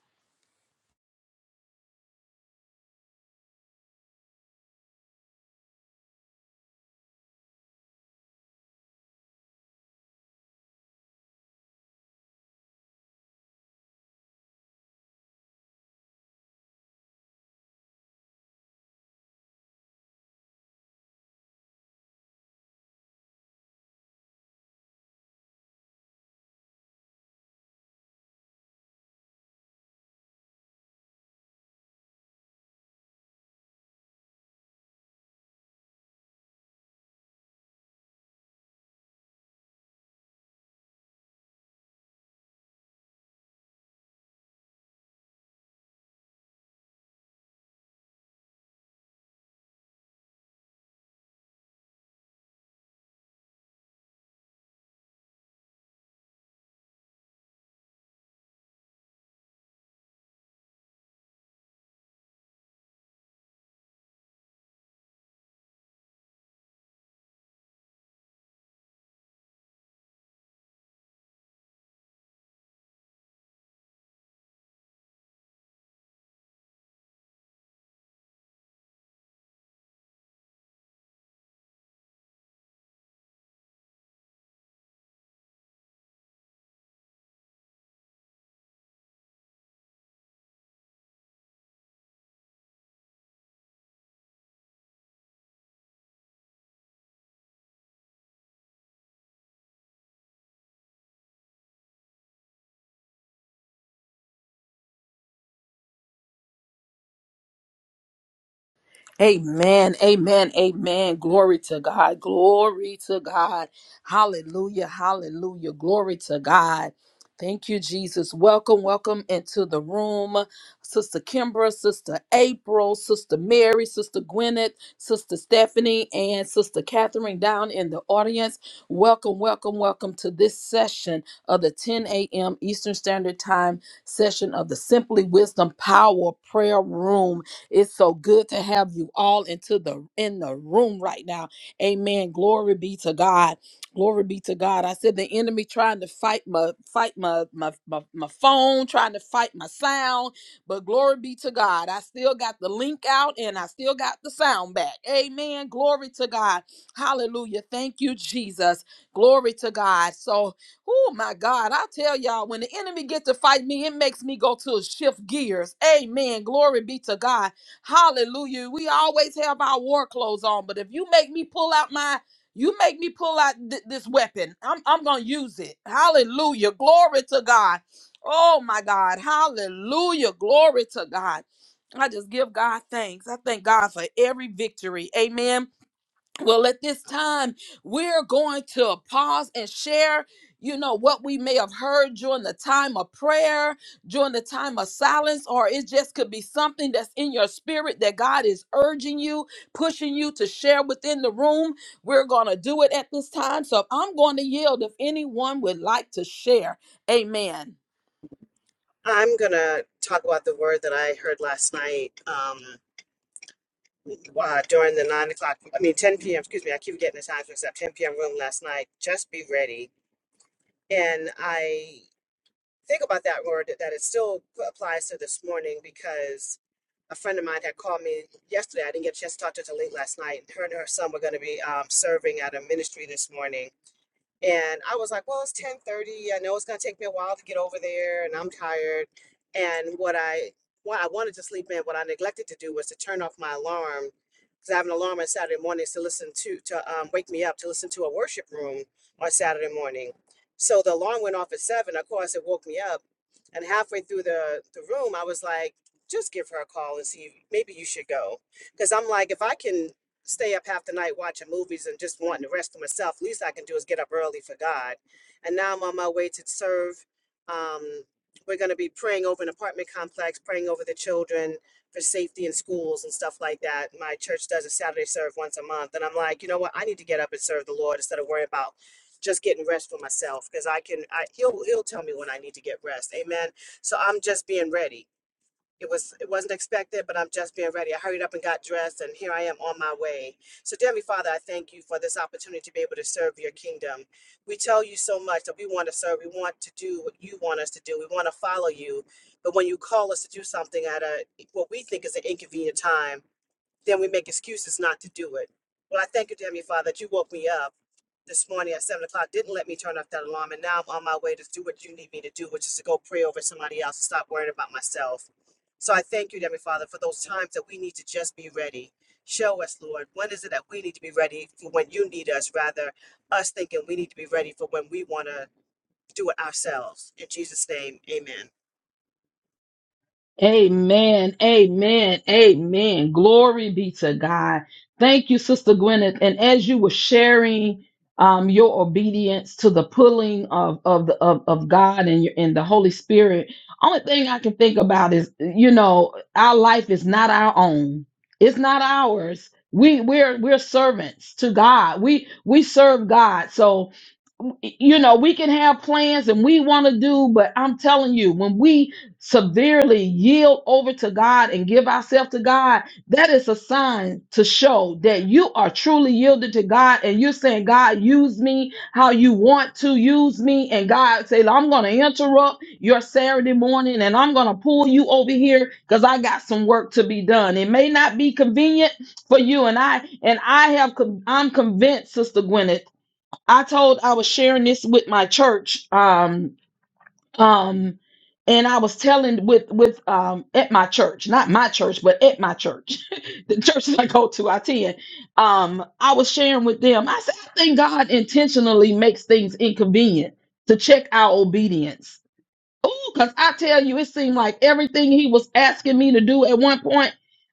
Speaker 1: Amen. Amen. Amen. Glory to God. Glory to God. Hallelujah. Hallelujah. Glory to God. Thank you, Jesus. Welcome, welcome into the room. Sister Kimbra, Sister April, Sister Mary, Sister Gwyneth, Sister Stephanie, and Sister Catherine down in the audience. Welcome, welcome, welcome to this session of the 10 a.m. Eastern Standard Time session of the Simply Wisdom Power Prayer Room. It's so good to have you all into the in the room right now. Amen. Glory be to God. Glory be to God. I said the enemy trying to fight my fight my my my, my phone, trying to fight my sound, but glory be to God. I still got the link out and I still got the sound back. Amen. Glory to God. Hallelujah. Thank you, Jesus. Glory to God. So, oh my God, I tell y'all, when the enemy gets to fight me, it makes me go to shift gears. Amen. Glory be to God. Hallelujah. We always have our war clothes on, but if you make me pull out my you make me pull out th- this weapon. I'm I'm going to use it. Hallelujah. Glory to God. Oh my God. Hallelujah. Glory to God. I just give God thanks. I thank God for every victory. Amen. Well, at this time, we're going to pause and share, you know, what we may have heard during the time of prayer, during the time of silence, or it just could be something that's in your spirit that God is urging you, pushing you to share within the room. We're going to do it at this time. So I'm going to yield if anyone would like to share. Amen.
Speaker 5: I'm gonna talk about the word that I heard last night um, uh, during the nine o'clock, I mean 10 p.m. Excuse me, I keep getting the times mixed up. 10 p.m. room last night. Just be ready, and I think about that word that it still applies to this morning because a friend of mine had called me yesterday. I didn't get a chance to talk to her till late last night. Her and her son were going to be um, serving at a ministry this morning. And I was like, well, it's 1030. I know it's gonna take me a while to get over there and I'm tired. And what I what I wanted to sleep in, what I neglected to do was to turn off my alarm. Because I have an alarm on Saturday mornings to listen to to um, wake me up to listen to a worship room on Saturday morning. So the alarm went off at seven. Of course, it woke me up. And halfway through the, the room, I was like, just give her a call and see. Maybe you should go. Because I'm like, if I can stay up half the night watching movies and just wanting to rest for myself. Least I can do is get up early for God. And now I'm on my way to serve. Um, we're going to be praying over an apartment complex, praying over the children for safety in schools and stuff like that. My church does a Saturday serve once a month. And I'm like, you know what? I need to get up and serve the Lord instead of worry about just getting rest for myself because I can, I, he'll, he'll tell me when I need to get rest. Amen. So I'm just being ready it was it wasn't expected, but I'm just being ready. I hurried up and got dressed, and here I am on my way. So, dear Heavenly Father, I thank you for this opportunity to be able to serve your kingdom. We tell you so much that we want to serve. We want to do what you want us to do. We want to follow you. But when you call us to do something at a what we think is an inconvenient time, then we make excuses not to do it. Well, I thank you, dear Heavenly Father, that you woke me up this morning at seven o'clock, didn't let me turn off that alarm, and now I'm on my way to do what you need me to do, which is to go pray over somebody else and stop worrying about myself. So I thank you, dear Heavenly Father, for those times that we need to just be ready. Show us, Lord, when is it that we need to be ready for when you need us, rather us thinking we need to be ready for when we want to do it ourselves. In Jesus' name, amen.
Speaker 1: Amen. Amen. Amen. Glory be to God. Thank you, Sister Gwyneth. And as you were sharing um, your obedience to the pulling of of the of, of God and your, and the Holy Spirit, only thing I can think about is you know our life is not our own. It's not ours. We we're we're servants to God. We we serve God. So you know, we can have plans and we want to do, but I'm telling you, when we severely yield over to God and give ourselves to God, that is a sign to show that you are truly yielded to God and you're saying, God, use me how you want to use me. And God say, I'm going to interrupt your Saturday morning and I'm going to pull you over here because I got some work to be done. It may not be convenient for you and I, and I have, con- I'm convinced, Sister Gwyneth I told I was sharing this with my church, um, um, and I was telling with with um at my church, not my church, but at my church, the church that I go to, I attend. Um, I was sharing with them. I said, I think God intentionally makes things inconvenient to check our obedience Ooh, because I tell you, it seemed like everything he was asking me to do at one point,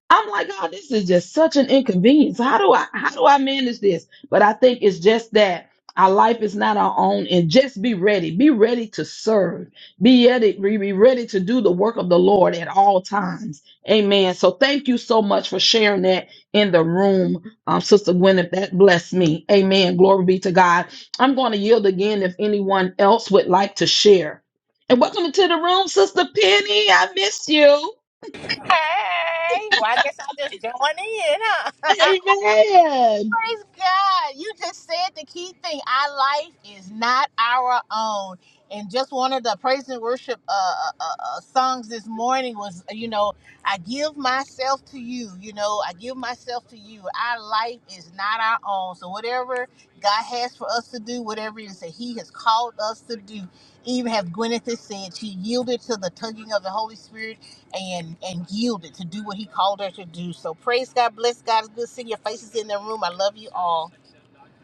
Speaker 1: I'm like, God, this is just such an inconvenience. How do I how do I manage this? But I think it's just that our life is not our own, and just be ready. Be ready to serve. Be ready, be be ready to do the work of the Lord at all times. Amen. So thank you so much for sharing that in the room, um, Sister Gwyneth. That blessed me. Amen. Glory be to God. I'm going to yield again if anyone else would like to share. And welcome to the room, Sister Penny. I miss you.
Speaker 7: Hey, well, I guess I just join in, huh?
Speaker 1: Amen.
Speaker 7: Praise God. You just said the key thing. Our life is not our own. And just one of the praise and worship uh, uh, uh, uh, songs this morning was, you know, I give myself to you. You know, I give myself to you. Our life is not our own. So whatever God has for us to do, whatever it is that He has called us to do, even as Gwyneth has said, she yielded to the tugging of the Holy Spirit and and yielded to do what he called her to do. So praise God, bless God. It's good seeing your faces in the room. I love you all.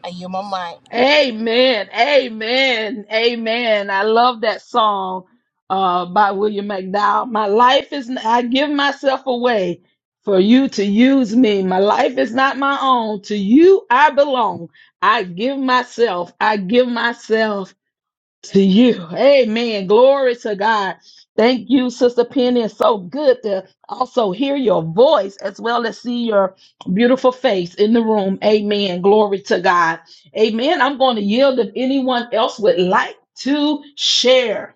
Speaker 7: I yield my mind.
Speaker 1: Amen. Amen. Amen. I love that song uh, by William McDowell. My life is, I give myself away for you to use me. My life is not my own. To you, I belong. I give myself. I give myself. to you. Amen. Glory to God. Thank you, Sister Penny. It's so good to also hear your voice as well as see your beautiful face in the room. Amen. Glory to God. Amen. I'm going to yield if anyone else would like to share.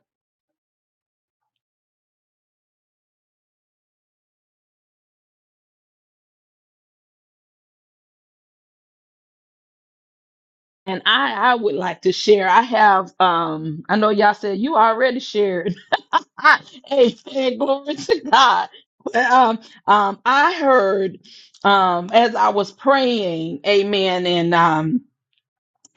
Speaker 1: And I, I would like to share. I have um, I know y'all said you already shared. I, amen. Glory to God. But, um, um, I heard, um, as I was praying, amen. And, um,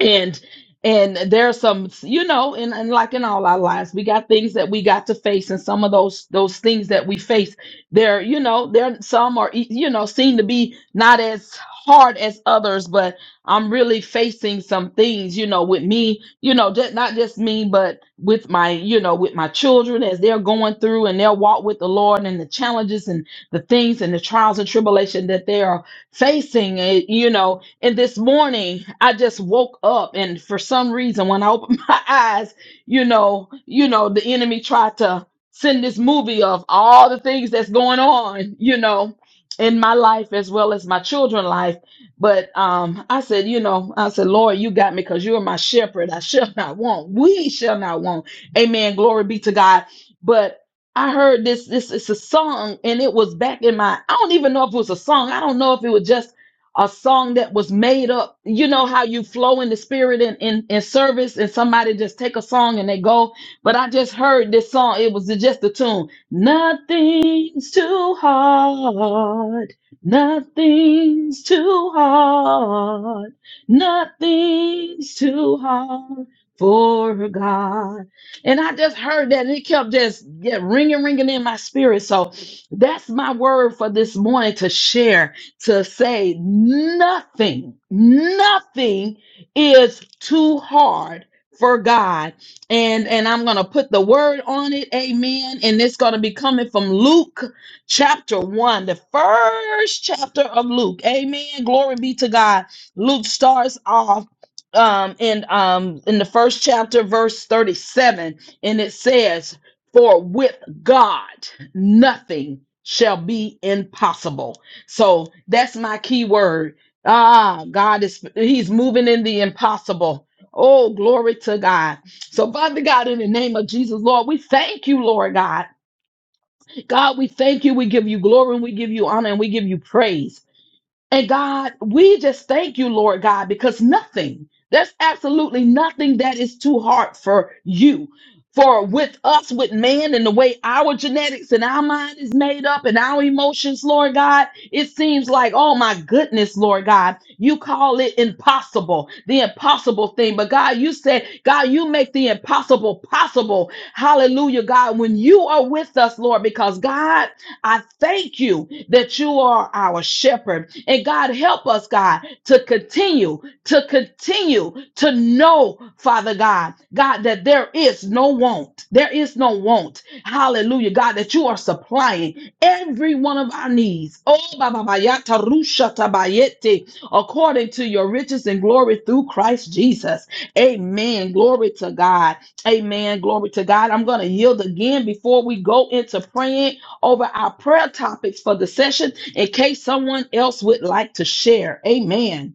Speaker 1: and and there are some you know and, and like in all our lives we got things that we got to face and some of those those things that we face they're you know there some are e- you know seem to be not as hard as others but i'm really facing some things you know with me you know just, not just me but with my you know with my children as they're going through and their walk with the lord and the challenges and the things and the trials and tribulation that they are facing eh, you know and this morning I just woke up, and for some reason, when I opened my eyes, you know, you know, the enemy tried to send this movie of all the things that's going on, you know, in my life as well as my children's life. But um, I said, you know, I said, Lord, you got me because you are my shepherd. I shall not want. We shall not want. Amen. Glory be to God. But I heard this. This is a song, and it was back in my. I don't even know if it was a song. I don't know if it was just a song that was made up. You know how you flow in the spirit in, in, in service and somebody just take a song and they go. But I just heard this song. It was just a tune. Nothing's too hard. Nothing's too hard. Nothing's too hard for God. And I just heard that and it kept just yeah, ringing, ringing in my spirit. So that's my word for this morning to share to say nothing, nothing is too hard for God. And and I'm gonna put the word on it, amen. And it's gonna be coming from Luke chapter one, the first chapter of Luke. Amen. Glory be to God. Luke starts off um in um in the first chapter, verse 37, and it says, For with God nothing shall be impossible. So that's my key word. Ah, God is He's moving in the impossible. Oh, glory to God. So, Father God, in the name of Jesus, Lord, we thank you, Lord God. God, we thank you. We give you glory and we give you honor and we give you praise. And God, we just thank you, Lord God, because nothing, there's absolutely nothing that is too hard for you. For with us, with man, and the way our genetics and our mind is made up and our emotions, Lord God, it seems like, oh my goodness, Lord God, you call it impossible, the impossible thing. But God, you said, God, you make the impossible possible. Hallelujah, God, when you are with us, Lord, because God, I thank you that you are our shepherd. And God, help us, God, to continue, to continue to know, Father God, God, that there is no want. There is no want. Hallelujah, God, that you are supplying every one of our needs. Oh, ba, ba, ba, ya, according to your riches and glory through Christ Jesus. Amen. Glory to God. Amen. Glory to God. I'm going to yield again before we go into praying over our prayer topics for the session in case someone else would like to share. Amen.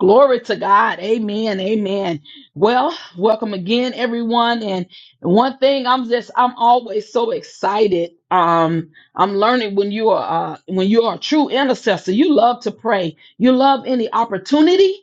Speaker 1: Glory to God. Amen. Amen. Well, welcome again, everyone. And one thing I'm just, I'm always so excited. Um, I'm learning when you are, uh, when you are a true intercessor, you love to pray. You love any opportunity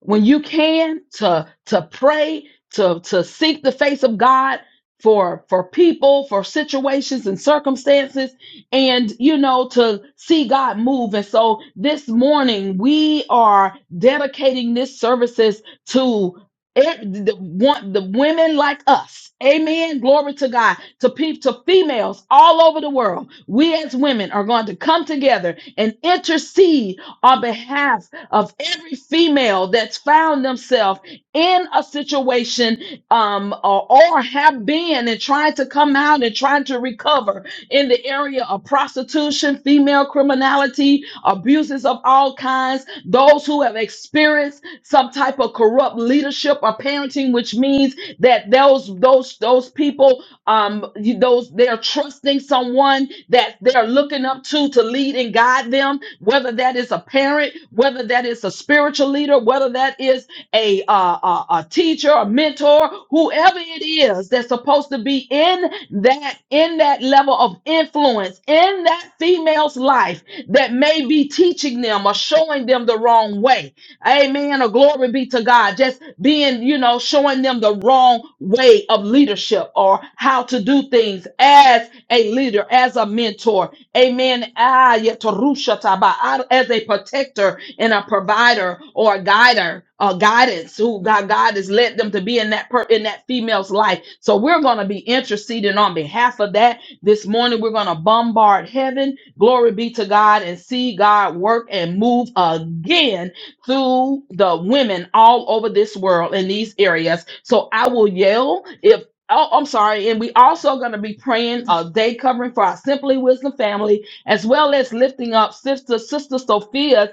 Speaker 1: when you can to to pray to to seek the face of god for for people for situations and circumstances and you know to see god move and so this morning we are dedicating this services to it, the, want the women like us amen glory to god to people to females all over the world we as women are going to come together and intercede on behalf of every female that's found themselves in a situation um, or, or have been and trying to come out and trying to recover in the area of prostitution, female criminality, abuses of all kinds, those who have experienced some type of corrupt leadership or parenting, which means that those those those people um those they're trusting someone that they're looking up to to lead and guide them, whether that is a parent, whether that is a spiritual leader, whether that is a, uh, a, a teacher, a mentor, whoever it is that's supposed to be in that in that level of influence in that female's life that may be teaching them or showing them the wrong way Amen. Or glory be to God. Just being, you know, showing them the wrong way of leadership or how to do things as a leader, as a mentor. Amen. Ah, yetarusha taba. Ah, As a protector and a provider or a guider, a guidance who God, God has led them to be in that per, in that female's life. So we're going to be interceding on behalf of that this morning. We're going to bombard heaven. Glory be to God and see God work and move again through the women all over this world in these areas. So I will yell if. Oh, I'm sorry. And we also going to be praying a day covering for our Simply Wisdom family, as well as lifting up Sister Sister Sophia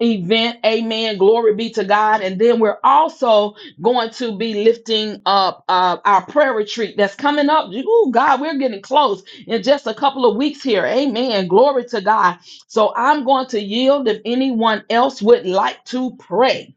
Speaker 1: event. Amen. Glory be to God. And then we're also going to be lifting up uh, our prayer retreat that's coming up. Oh, God, we're getting close in just a couple of weeks here. Amen. Glory to God. So I'm going to yield if anyone else would like to pray.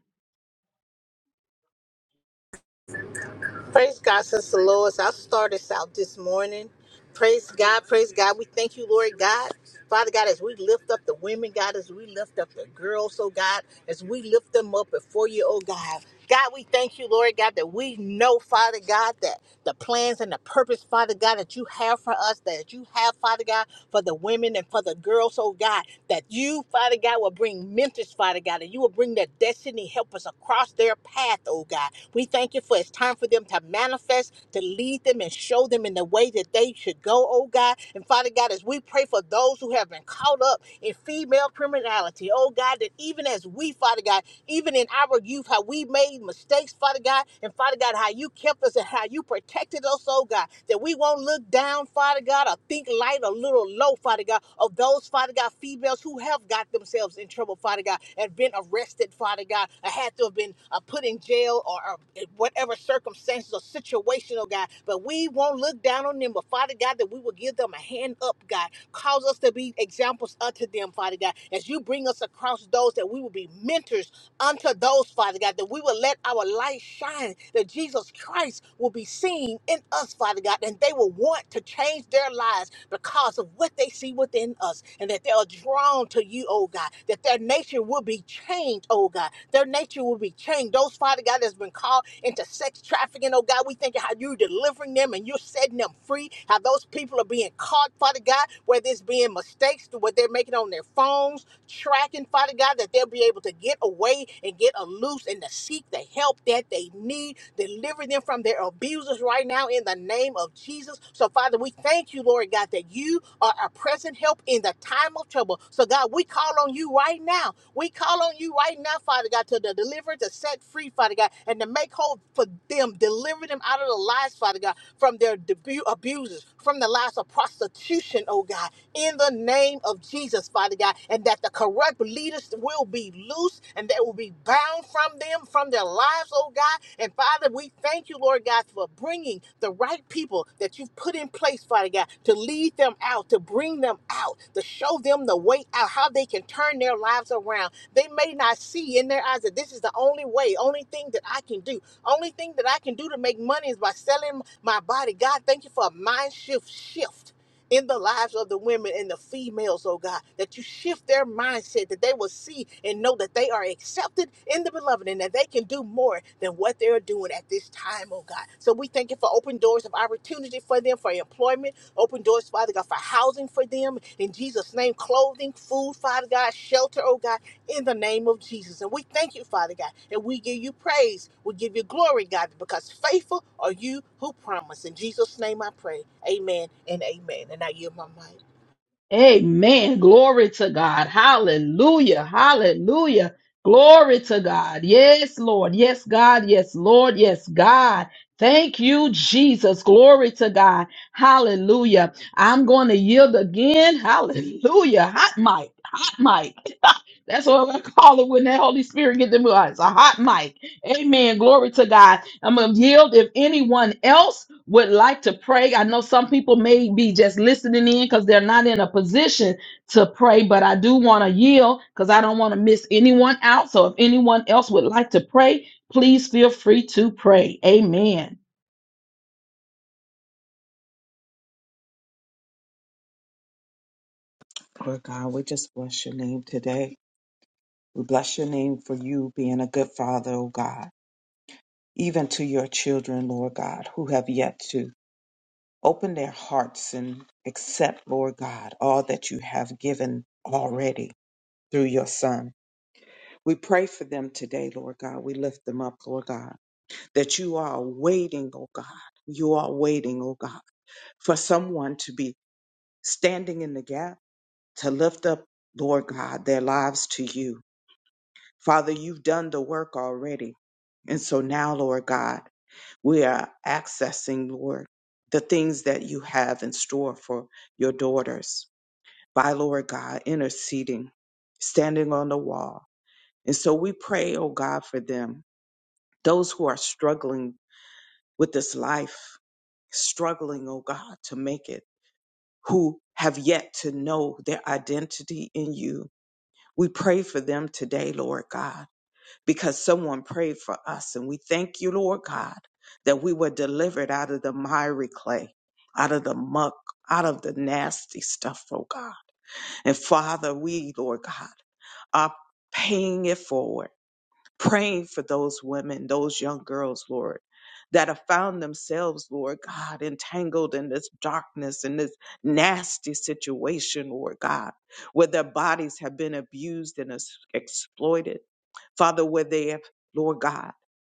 Speaker 7: Praise God, Sister Lois. I'll start us out this morning. Praise God, praise God. We thank you, Lord God. Father God, as we lift up the women, God, as we lift up the girls, oh God, as we lift them up before you, oh God. God, we thank you, Lord God, that we know, Father God, that the plans and the purpose, Father God, that you have for us, that you have, Father God, for the women and for the girls, oh God, that you, Father God, will bring mentors, Father God, and you will bring their destiny helpers across their path, oh God. We thank you for it's time for them to manifest, to lead them and show them in the way that they should go, oh God. And Father God, as we pray for those who have been caught up in female criminality, oh God, that even as we, Father God, even in our youth, how we made mistakes, Father God, and Father God, how you kept us and how you protected us, oh God, that we won't look down, Father God, or think light a little low, Father God, of those, Father God, females who have got themselves in trouble, Father God, and been arrested, Father God, or had to have been uh, put in jail or, or whatever circumstances or situation, oh God, but we won't look down on them, but Father God, that we will give them a hand up, God, cause us to be examples unto them, Father God, as you bring us across those that we will be mentors unto those, Father God, that we will let our light shine, that Jesus Christ will be seen in us, Father God, and they will want to change their lives because of what they see within us, and that they are drawn to you, oh God, that their nature will be changed, oh God. Their nature will be changed. Those, Father God, that's been called into sex trafficking, oh God, we thank you how you're delivering them and you're setting them free, how those people are being caught, Father God, whether it's being mistakes, to what they're making on their phones, tracking, Father God, that they'll be able to get away and get loose and to seek the help that they need. Deliver them from their abusers right now in the name of Jesus. So, Father, we thank you, Lord God, that you are a present help in the time of trouble. So, God, we call on you right now. We call on you right now, Father God, to deliver, to set free, Father God, and to make whole for them, deliver them out of the lies, Father God, from their debu- abusers, from the lives of prostitution, oh God, in the name name of Jesus, Father God, and that the corrupt leaders will be loose and they will be bound from them, from their lives, oh God. And Father, we thank you, Lord God, for bringing the right people that you've put in place, Father God, to lead them out, to bring them out, to show them the way out, how they can turn their lives around. They may not see in their eyes that this is the only way, only thing that I can do, only thing that I can do to make money is by selling my body. God, thank you for a mind shift shift in the lives of the women and the females, oh God, that you shift their mindset, that they will see and know that they are accepted in the beloved and that they can do more than what they're doing at this time, oh God. So we thank you for open doors of opportunity for them for employment, open doors, Father God, for for housing for them in Jesus' name, clothing, food, Father God, shelter, oh God, in the name of Jesus. And we thank you, Father God, and we give you praise. We give you glory, God, because faithful are you who promise. In Jesus' name I pray. Amen and amen. And I yield my mic.
Speaker 1: Amen. Glory to God. Hallelujah. Hallelujah. Glory to God. Yes, Lord. Yes, God. Yes, Lord. Yes, God. Thank you, Jesus. Glory to God. Hallelujah. I'm going to yield again. Hallelujah. Hot mic. Hot mic. That's what I call it when that Holy Spirit get them. It's a hot mic. Amen. Glory to God. I'm going to yield if anyone else would like to pray. I know some people may be just listening in because they're not in a position to pray, but I do want to yield because I don't want to miss anyone out. So if anyone else would like to pray, please feel free to pray. Amen.
Speaker 3: God, we just bless your name today. We bless your name for you being a good father, oh God, even to your children, Lord God, who have yet to open their hearts and accept, Lord God, all that you have given already through your son. We pray for them today, Lord God. We lift them up, Lord God. that you are waiting, oh God. You are waiting, oh God, for someone to be standing in the gap to lift up, Lord God, their lives to you. Father, you've done the work already. And so now, Lord God, we are accessing, Lord, the things that you have in store for your daughters by, Lord God, interceding, standing on the wall. And so we pray, oh God, for them, those who are struggling with this life, struggling, oh God, to make it, who have yet to know their identity in you. We pray for them today, Lord God, because someone prayed for us. And we thank you, Lord God, that we were delivered out of the miry clay, out of the muck, out of the nasty stuff, oh God. And Father, we, Lord God, are paying it forward praying for those women, those young girls, Lord, that have found themselves, Lord God, entangled in this darkness, in this nasty situation, Lord God, where their bodies have been abused and ex- exploited. Father, where they have, Lord God,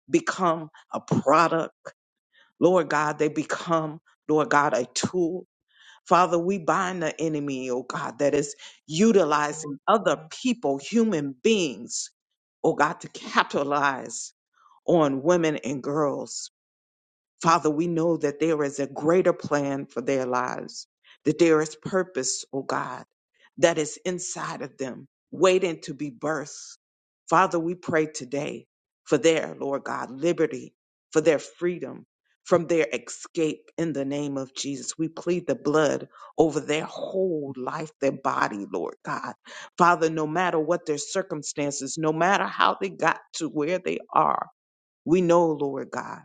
Speaker 3: become a product. Lord God, they become, Lord God, a tool Father, we bind the enemy, oh God, that is utilizing other people, human beings, oh God, to capitalize on women and girls. Father, we know that there is a greater plan for their lives, that there is purpose, O God, that is inside of them, waiting to be birthed. Father, we pray today for their, Lord God, liberty, for their freedom from their escape in the name of Jesus. We plead the blood over their whole life, their body, Lord God. Father, no matter what their circumstances, no matter how they got to where they are, we know, Lord God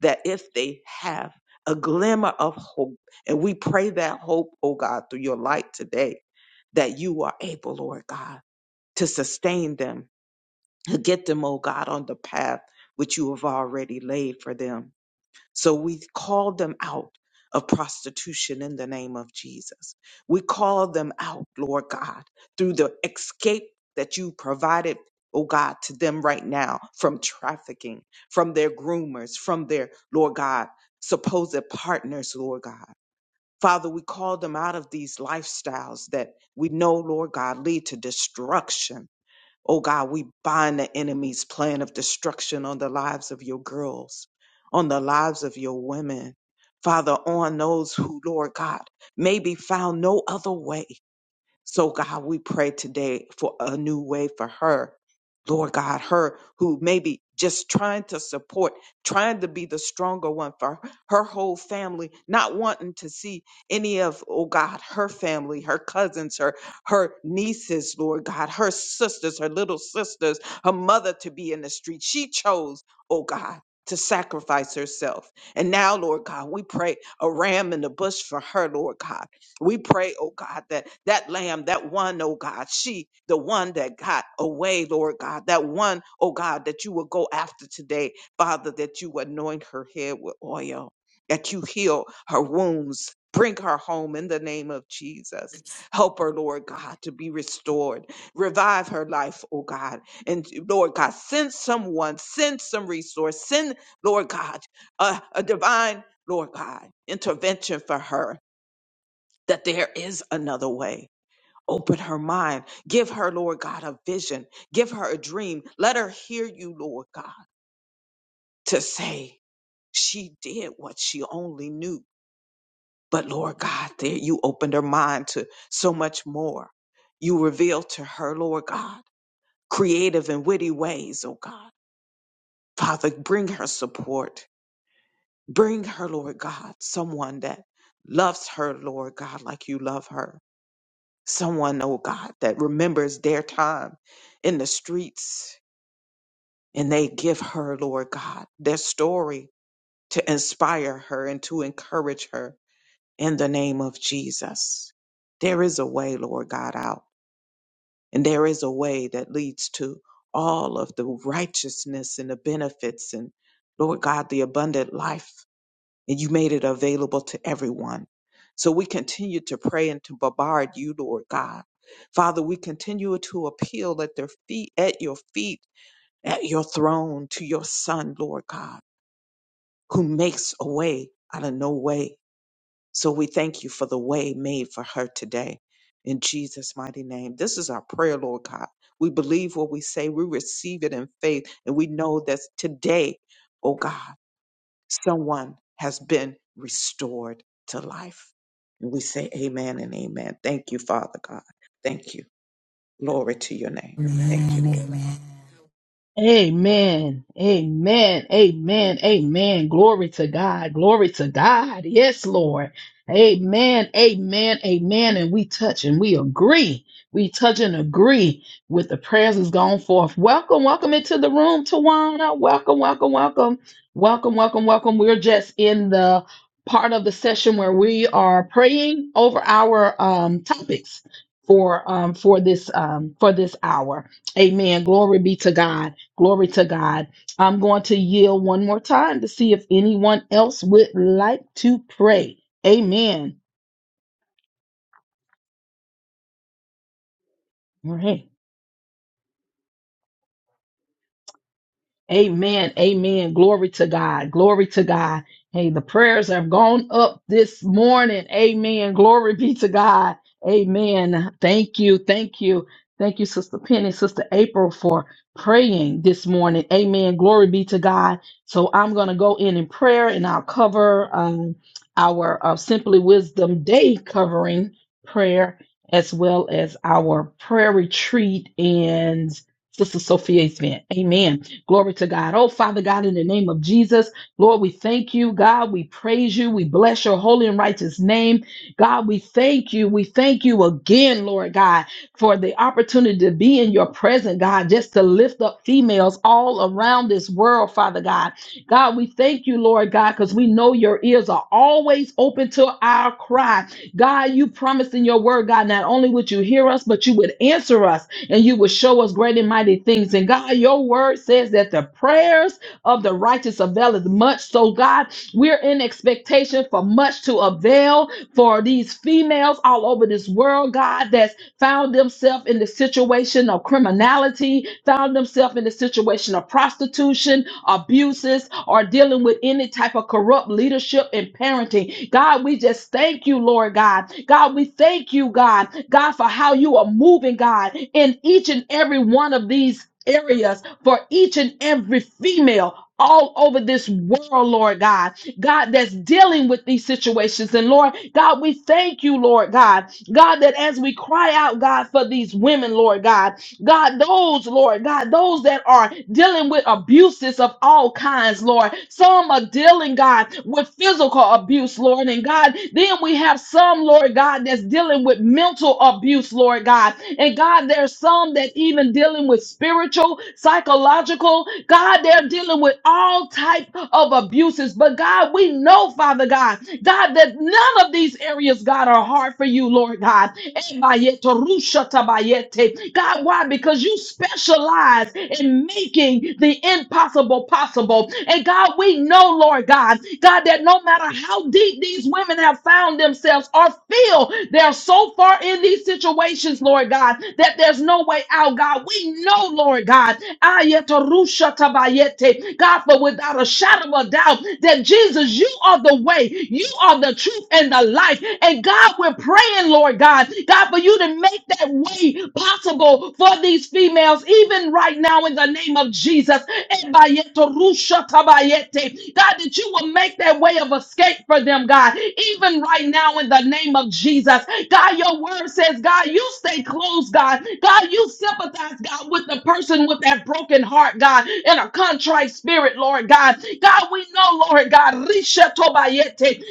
Speaker 3: that if they have a glimmer of hope, and we pray that hope, oh God, through your light today, that you are able, Lord God, to sustain them, to get them, oh God, on the path which you have already laid for them. So we call them out of prostitution in the name of Jesus. We call them out, Lord God, through the escape that you provided, oh God, to them right now from trafficking, from their groomers, from their, Lord God, supposed partners, Lord God. Father, we call them out of these lifestyles that we know, Lord God, lead to destruction Oh God, we bind the enemy's plan of destruction on the lives of your girls, on the lives of your women. Father, on those who, Lord God, may be found no other way. So, God, we pray today for a new way for her. Lord God, her who maybe just trying to support, trying to be the stronger one for her whole family, not wanting to see any of, oh God, her family, her cousins, her her nieces, Lord God, her sisters, her little sisters, her mother to be in the street. She chose, oh God, to sacrifice herself. And now, Lord God, we pray a ram in the bush for her, Lord God we pray, oh God, that that lamb, that one, oh God, she, the one that got away, Lord God, that one, oh God, that you will go after today, Father, that you anoint her head with oil, that you heal her wounds. Bring her home in the name of Jesus. Help her, Lord God, to be restored. Revive her life, oh God. And Lord God, send someone, send some resource, send, Lord God, a, a divine, Lord God, intervention for her that there is another way. Open her mind. Give her, Lord God, a vision. Give her a dream. Let her hear you, Lord God, to say she did what she only knew. But Lord God, there you opened her mind to so much more. You revealed to her, Lord God, creative and witty ways, oh God. Father, bring her support. Bring her, Lord God, someone that loves her, Lord God, like you love her someone, oh God, that remembers their time in the streets and they give her, Lord God, their story to inspire her and to encourage her in the name of Jesus. There is a way, Lord God, out, and there is a way that leads to all of the righteousness and the benefits and, Lord God, the abundant life and you made it available to everyone. So we continue to pray and to bombard you, Lord God. Father, we continue to appeal at their feet, at your feet, at your throne, to your Son, Lord God, who makes a way out of no way. So we thank you for the way made for her today. In Jesus' mighty name. This is our prayer, Lord God. We believe what we say, we receive it in faith, and we know that today, oh God someone has been restored to life. And we say amen and amen. Thank you, Father God. Thank you. Glory to your name. Thank you, Lord God.
Speaker 2: ya
Speaker 1: Amen. Amen. Amen. Amen. Glory to God. Glory to God. Yes, Lord. Amen. Amen. Amen. And we touch and we agree. We touch and agree with the prayers that's gone forth. Welcome, welcome into the room, Tawana. Welcome, welcome, welcome. Welcome, welcome, welcome. We're just in the part of the session where we are praying over our um, topics for um, for this um, for this hour. Amen. Glory be to God. Glory to God. I'm going to yield one more time to see if anyone else would like to pray. Amen. All right. Amen. Amen. Glory to God. Glory to God. Hey, the prayers have gone up this morning. Amen. Glory be to God. Amen. Thank you. Thank you. Thank you, Sister Penny, Sister April, for praying this morning. Amen. Glory be to God. So I'm going to go in in prayer and I'll cover um, our uh, Simply Wisdom Day covering prayer as well as our prayer retreat and Sister Sophia's event. Amen. Glory to God. Oh, Father God, in the name of Jesus, Lord, we thank you, God. We praise you. We bless your holy and righteous name. God, we thank you. We thank you again, Lord God, for the opportunity to be in your presence, God, just to lift up females all around this world, Father God. God, we thank you, Lord God, because we know your ears are always open to our cry. God, you promised in your word, God, not only would you hear us, but you would answer us and you will show us great and mighty things. And God, your word says that the prayers of the righteous avail as much. So, God, we're in expectation for much to avail for these females all over this world, God, that's found themselves in the situation of criminality, found themselves in the situation of prostitution, abuses, or dealing with any type of corrupt leadership and parenting. God, we just thank you, Lord God. God, we thank you, God, God, for how you are moving, God, in each and every one of these areas for each and every female all over this world, Lord God. God, that's dealing with these situations. And Lord, God, we thank you, Lord God. God, that as we cry out, God, for these women, Lord God. God, those, Lord, God, those that are dealing with abuses of all kinds, Lord. Some are dealing, God, with physical abuse, Lord. And God, then we have some, Lord God, that's dealing with mental abuse, Lord God. And God, there's some that even dealing with spiritual, psychological. God, they're dealing with all type of abuses. But God, we know, Father God, God, that none of these areas, God, are hard for you, Lord God. God, why? Because you specialize in making the impossible possible. And God, we know, Lord God, God, that no matter how deep these women have found themselves or feel, they're so far in these situations, Lord God, that there's no way out, God. We know, Lord God, ayeto, rusha tabayete. God, for without a shadow of a doubt, that Jesus, you are the way, you are the truth and the life. And God, we're praying, Lord God, God, for you to make that way possible for these females, even right now, in the name of Jesus. Ebayeto rusha tabayete. God, that you will make that way of escape for them, God, even right now, in the name of Jesus. God, your word says, God, you stay close, God. God, you sympathize, God, with the person with that broken heart, God, and a contrite spirit, Lord God. God, we know, Lord God, Risha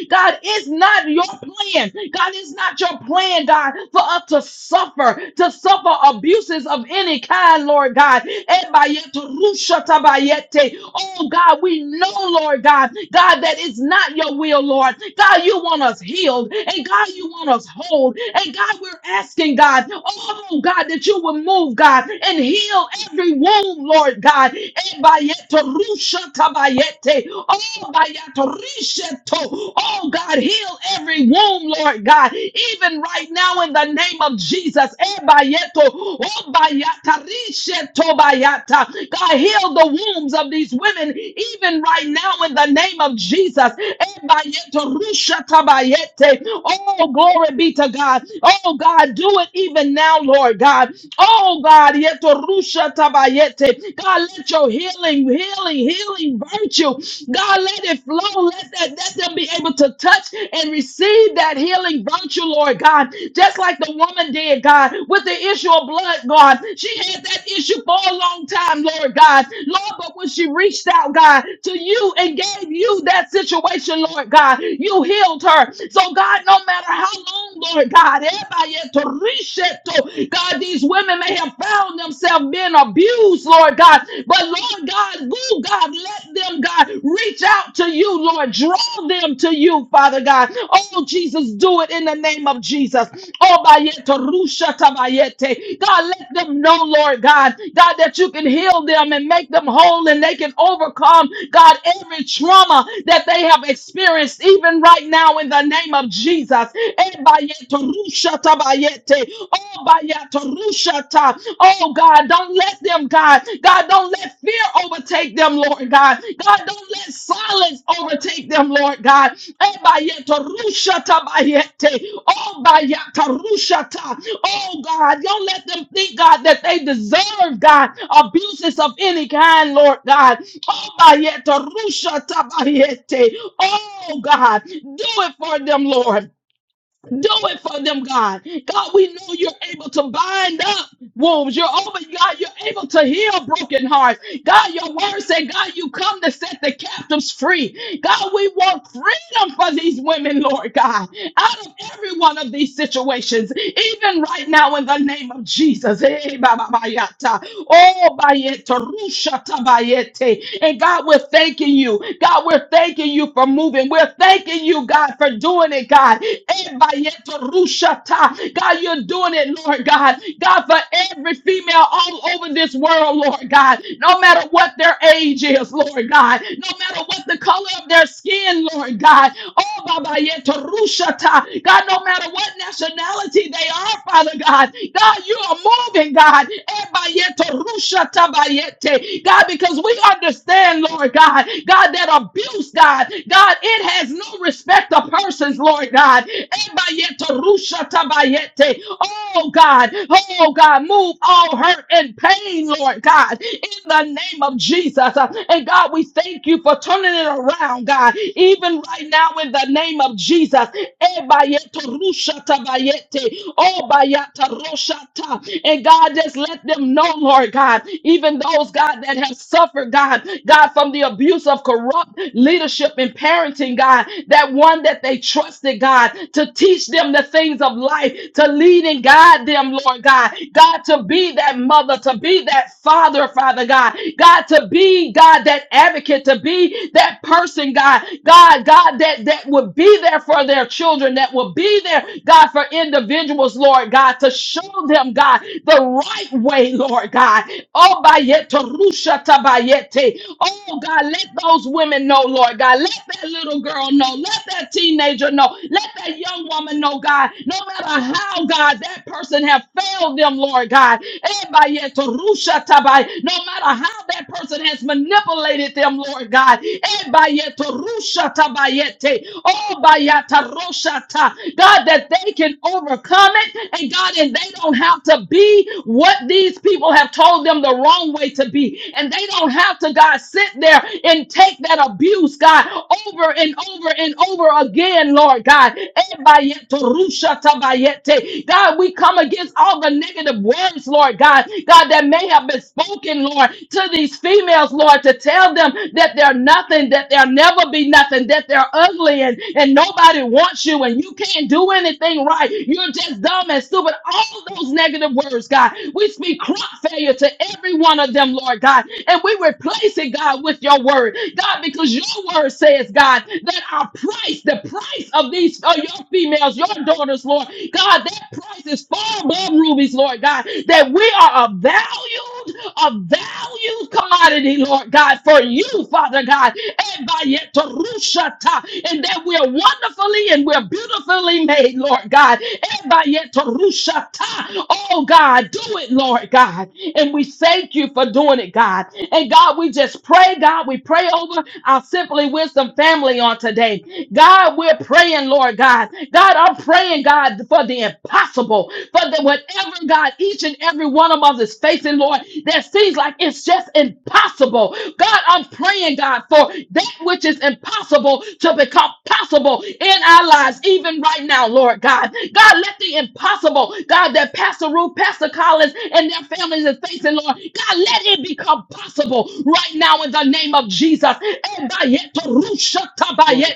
Speaker 1: God, it's not your plan. God, it's not your plan, God, for us to suffer, to suffer abuses of any kind, Lord God. Ebayete, rushata bayete. Oh, God, we know, Lord God, God, that it's not your will, Lord. God, you want us healed, and God, you want us whole. And God, we're asking, God, oh, God, that you will move, God, and heal every wound, Lord God. Ebayete, rushata bayete. Oh, bayato risheto. Oh, God, heal every womb, Lord God. Even right now, in the name of Jesus. Eh, bayeto. Oh, bayata risheto bayata. God, heal the wombs of these women, even right now, in the name of Jesus. Eh, bayeto rushata bayete. Oh, glory be to God. Oh, God, do it even now, Lord God. Oh, God. yeto rusha tabayete. God, let your healing, healing, healing virtue, God, let it flow. Let that let them be able to touch and receive that healing virtue, Lord God. Just like the woman did, God, with the issue of blood, God. She had that issue for a long time, Lord God. Lord, but when she reached out, God, to you and gave you that situation, Lord God, you healed her. So, God, no matter how long, Lord God, everybody, God, these women may have have found themselves being abused, Lord God. But Lord God, will God let them, God, reach out to you, Lord. Draw them to you, Father God. Oh, Jesus, do it in the name of Jesus. Oh, bayete, rusha tabayete. God, let them know, Lord God, God, that you can heal them and make them whole and they can overcome, God, every trauma that they have experienced, even right now, in the name of Jesus. Eh, bayete, rusha tabayete. Yete. Oh, Bayata Rushata. Oh, God, don't let them, God. God, don't let fear overtake them, Lord God. God, don't let silence overtake them, Lord God. Eh, Bayata Rushata Bayete. Oh, Bayata Rushata. Oh, God, don't let them think, God, that they deserve, God, abuses of any kind, Lord God. Oh, Bayata Rushata Bayete. Oh, God, do it for them, Lord. Do it for them, God. God, we know you're able to bind up wombs. You're over, God, you're able to heal broken hearts. God, your word said, God, you come to set the captives free. God, we want freedom for these women, Lord God, out of every one of these situations, even right now in the name of Jesus. Eh, ba, ba, ba, ya, ta. Oh, ba, ye, ta, ru, sha, ta, ba, ye, te. And God, we're thanking you. God, we're thanking you for moving. We're thanking you, God, for doing it, God. Eh, ba, ye, ta, ru, sha, ta. God, you're doing it, Lord God. God, for every female all over this world, Lord God, no matter what their age is, Lord God, no matter what the color of their skin, Lord God, oh, Baba Yeto Rushata, God, no matter what nationality they are, Father God, God, you are moving, God, Eba Yeto Rushata Bayete. God, because we understand, Lord God, God, that abuse, God, God, it has no respect of persons, Lord God, Eba Yeto Rushata Bayete. Oh, God. Oh, God, move all hurt and pain, Lord God, in the name of Jesus. Uh, And God, we thank you for turning it around, God, even right now in the name of Jesus. Ebayeto rusha tabayete, obayata roshata. And God, just let them know, Lord God, even those, God, that have suffered, God, God, from the abuse of corrupt leadership and parenting, God, that one that they trusted, God, to teach them the things of life, to lead lead and guide them, Lord God. God, to be that mother, to be that father, Father God. God, to be, God, that advocate, to be that person, God. God, God, that, that would be there for their children, that would be there, God, for individuals, Lord God, to show them, God, the right way, Lord God. Oh, bayete, rusha tabayete. Oh, God, let those women know, Lord God. Let that little girl know. Let that teenager know. Let that young woman know, God. No matter God, how, God, that person have failed them, Lord God. Ebayetorushatabay. No matter how that person has manipulated them, Lord God. Ebayetorushatabay. Oh, bayataroshata. God, that they can overcome it. And God, and they don't have to be what these people have told them the wrong way to be. And they don't have to, God, sit there and take that abuse, God, over and over and over again, Lord God. Shatabayete. God, we come against all the negative words, Lord God, God, that may have been spoken, Lord, to these females, Lord, to tell them that they're nothing, that they'll never be nothing, that they're ugly and, and nobody wants you and you can't do anything right. You're just dumb and stupid. All those negative words, God, we speak crop failure to every one of them, Lord God, and we replace it, God, with your word, God, because your word says, God, that our price, the price of these, of your females sons, your daughters, Lord. God, that price is far above rubies, Lord God, that we are a valued, a valued commodity, Lord God, for you, Father God, and by yet to rushata, and that we are wonderfully and we're beautifully made, Lord God, and by yet to rushata. Oh God, do it, Lord God, and we thank you for doing it, God. And God, we just pray, God, we pray over our Simply Wisdom family on today. God, we're praying, Lord God. God. God, I'm praying, God, for the impossible, for the whatever, God, each and every one of us is facing, Lord, that seems like it's just impossible. God, I'm praying, God, for that which is impossible to become possible in our lives, even right now, Lord God. God, let the impossible, God, that Pastor Ruth, Pastor Collins, and their families is facing, Lord, God, let it become possible right now in the name of Jesus.
Speaker 3: Glory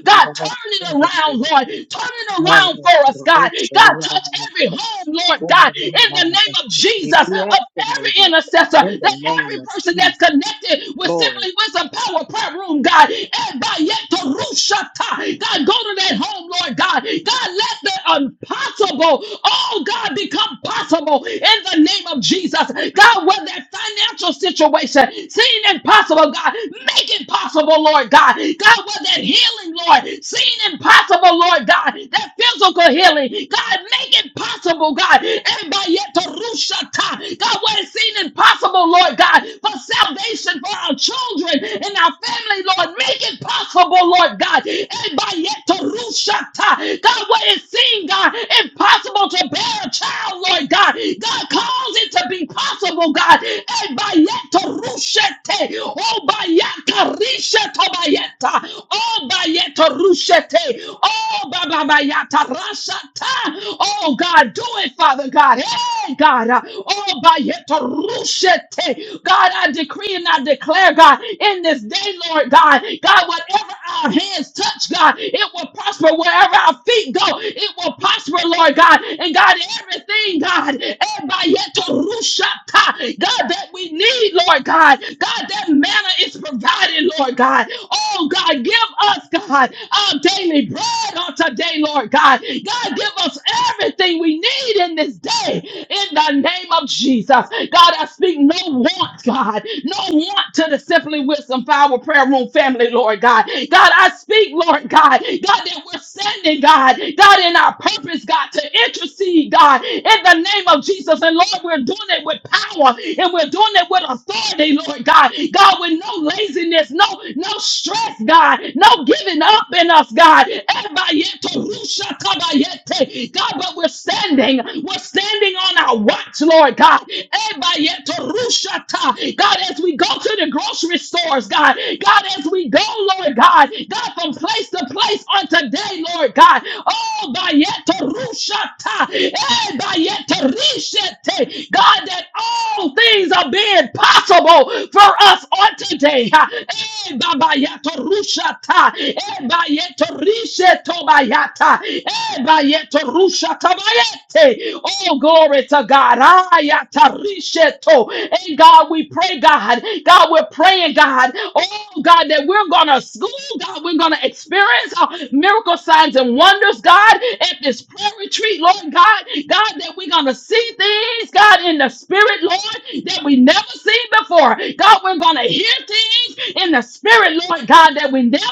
Speaker 3: to the
Speaker 1: God, turn it it
Speaker 3: direction that we
Speaker 1: around, Lord. Turn it around
Speaker 3: know
Speaker 1: for us,
Speaker 3: for
Speaker 1: God.
Speaker 3: which
Speaker 1: God,
Speaker 3: we are
Speaker 1: touch every
Speaker 3: the
Speaker 1: home, Lord God,
Speaker 3: former
Speaker 1: in the
Speaker 3: man,
Speaker 1: name
Speaker 3: but
Speaker 1: of
Speaker 3: we
Speaker 1: Jesus,
Speaker 3: bless
Speaker 1: of
Speaker 3: the
Speaker 1: every
Speaker 3: Lord.
Speaker 1: intercessor,
Speaker 3: In the
Speaker 1: that
Speaker 3: name
Speaker 1: every
Speaker 3: of
Speaker 1: person
Speaker 3: Jesus,
Speaker 1: that's connected with
Speaker 3: glory.
Speaker 1: Simply Wisdom Power Prayer Room, God. And by yet to Rushata, God, go to that home, Lord God. God, let the impossible, oh God, become possible in the name of Jesus. God, where that financial situation seemed impossible, God, make it possible, Lord God. God, where that healing, Lord, seen impossible, Lord God, that physical healing, God, make it possible, God, and by yet to rushata. God, what is seen impossible, Lord God, for salvation for our children and our family, Lord, make it possible, Lord God, and by yet to rushata. God, what is seen, God, impossible to bear a child, Lord God, God, cause it to be possible, God, and by yet to rushate, oh, by yet to risha to by yet. oh. Bayeta Rushete. Oh, Baba Bayata Rasata. Oh, God, do it, Father God. Hey, God. uh, Oh, Bayeta Rushete. God, I decree and I declare, God, in this day, Lord God, God, whatever our hands touch, God, it will prosper wherever our feet go. It will prosper, Lord God. And God, everything, God, eh, Bayeta Rushata. God, that we need, Lord God. God, that manna is provided, Lord God. Oh, God. God. Give us, God, our daily bread on today, Lord God. God, give us everything we need in this day in the name of Jesus. God, I speak no want, God, no want to the Simply Wisdom Power Prayer Room family, Lord God. God, I speak, Lord God, God, that we're sending, God, God, in our purpose, God, to intercede, God, in the name of Jesus. And Lord, we're doing it with power and we're doing it with authority, Lord God. God, with no laziness, no, no stress, God, no giving up in us, God. Ebayete, rushatabayete. God, but we're standing. We're standing on our watch, Lord God. Ebayete, rushata. God, as we go to the grocery stores, God, God, as we go, Lord God, God, from place to place on today, Lord God. Oh, bayete, rushata. Ebayete, rishete. God, that all things are being possible for us on today. Ha. Ebabayato rushata. Ebayeto risheto bayata. Ebayeto rushata bayete. Oh, glory to God. Ayata risheto. And God, we pray, God. God, we're praying, God. Oh, God, that we're going to school, God. We're going to experience uh, miracle signs and wonders, God, at this prayer retreat, Lord God. God, that we're going to see things, God, in the spirit, Lord, that we never seen before. God, we're going to hear things things in the spirit, Lord God, that we never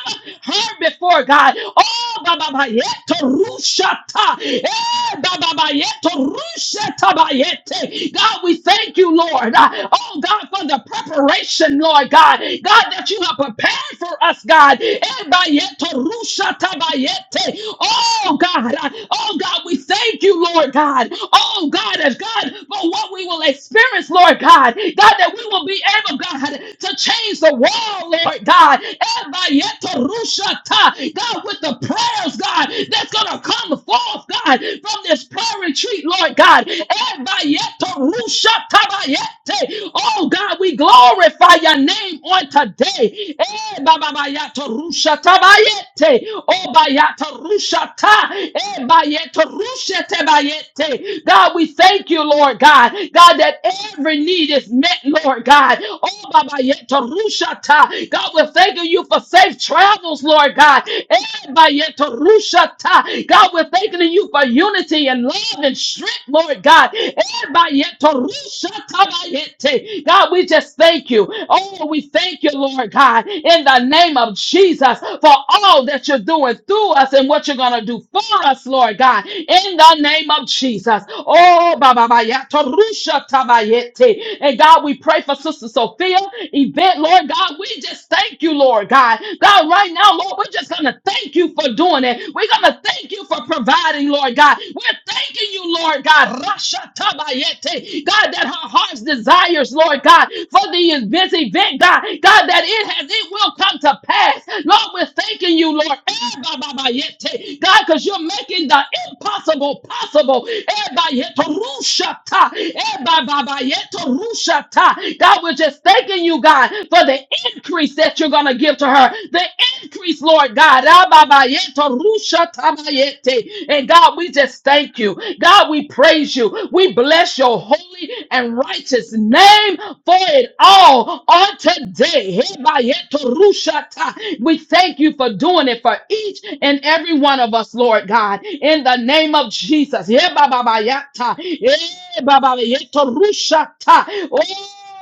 Speaker 1: heard before, God. Oh, Baba Bayete Rushata. Eh, Baba Bayete Rushata Bayete. God, we thank you, Lord. Uh, Oh, God, for the preparation, Lord God. God, that you have prepared for us, God. Eh, Bayete Rushata Bayete. Oh, God. Uh, Oh, God, we thank you, Lord God. Oh, God, as God, for what we will experience, Lord God. God, that we will be able, God, to to change the world, Lord God. Ebayeterushata. God, with the prayers, God, that's going to come forth, God, from this prayer retreat, Lord God. Ebayeterushatabayete. Oh, God, we glorify your name on today. Ebababayatorushatabayete. Obayatorushata. Ebayetorushetebayete. God, we thank you, Lord God. God, that every need is met, Lord God. Oh, Baba, Yetarushata. God, we're thanking you for safe travels, Lord God. Eh, Baba, Yetarushata. God, we're thanking you for unity and love and strength, Lord God. Eh, Baba, Yetarushata, Baba, Yete. God, we just thank you. Oh, we thank you, Lord God, in the name of Jesus for all that you're doing through us and what you're going to do for us, Lord God, in the name of Jesus. Oh, Baba, Baba, Yetarushata, Baba, Yete. and God, we pray for for Sister Sophia, Yvette, Lord God. We just thank you, Lord God. God, right now, Lord, we're just going to thank you for doing it. We're going to thank you for providing, Lord God. We're thanking you, Lord God. Rasha tabayete. God, that her heart's desires, Lord God, for the this event, God. God, that it has, it will come to pass. Lord, we're thanking you, Lord. Eh, ba, ba, ba, yete. God, because you're making the impossible possible. Eh, ba, yeto, rusha ta. Eh, ba, ba, ba, yeto, rusha God, we're just thanking you, God, for the increase that you're going to give to her. The increase, Lord God. And God, we just thank you. God, we praise you. We bless your holy and righteous name for it all on today. We thank you for doing it for each and every one of us, Lord God. In the name of Jesus. Hebababayata.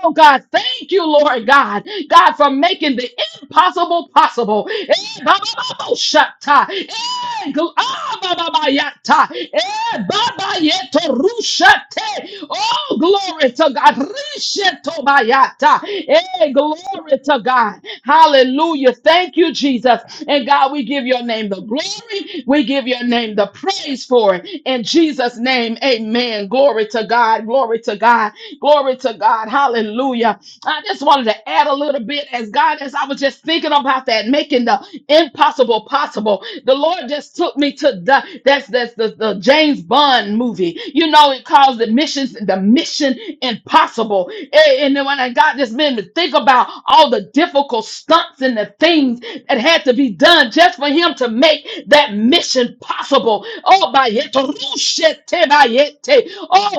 Speaker 1: Oh, God, thank you, Lord God. God, for making the impossible possible. Eh, ba, ba, ba, bo, shatta. Eh, gl- ah, ba, ba, ba, yatta. Eh, ba, ba, yeto, rushate. Oh, glory to God. Risheto, ba, yatta. Eh, glory to God. Hallelujah. Thank you, Jesus. And God, we give your name the glory. We give your name the praise for it. In Jesus' name, amen. Glory to God. Glory to God. God. Glory to God. Hallelujah. I just wanted to add a little bit as God, as I was just thinking about that, making the impossible possible. The Lord just took me to the that's that's the, the James Bond movie. You know, it calls the missions the mission impossible. Eh, And then when I God just made me think about all the difficult stunts and the things that had to be done just for him to make that mission possible. Oh, by yet, oh,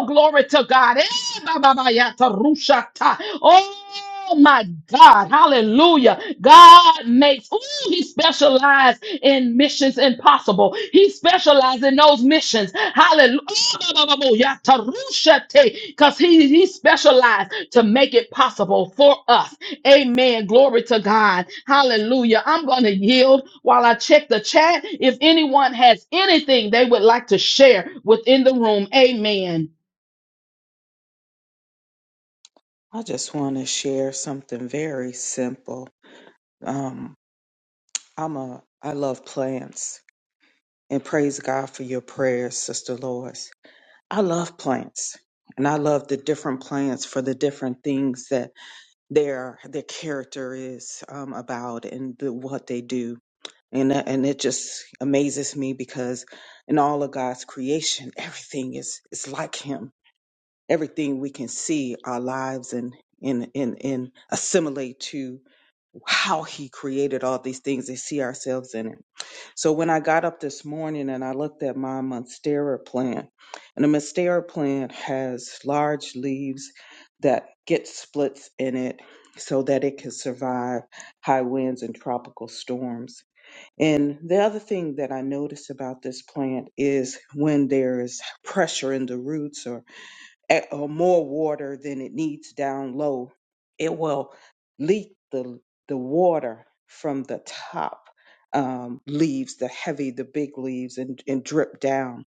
Speaker 1: glory Glory to God. Eh, ba, ba, ba, ya, ta, rusha, ta. Oh my God. Hallelujah. God makes, ooh, he specializes in missions impossible. He specializes in those missions. Hallelujah. Because he, he specialized to make it possible for us. Amen. Glory to God. Hallelujah. I'm going to yield while I check the chat. If anyone has anything they would like to share within the room, amen.
Speaker 3: I just want to share something very simple. Um, I'm a I love plants and praise God for your prayers, Sister Lois. I love plants and I love the different plants for the different things that their their character is um, about and the, what they do. And that- and it just amazes me because in all of God's creation, everything is is like Him. Everything we can see our lives and and and, and assimilate to how he created all these things and see ourselves in it. So when I got up this morning and I looked at my monstera plant, and the monstera plant has large leaves that get splits in it so that it can survive high winds and tropical storms. And the other thing that I notice about this plant is when there is pressure in the roots at- or more water than it needs down low, it will leak the the water from the top um, leaves, the heavy, the big leaves, and, and drip down.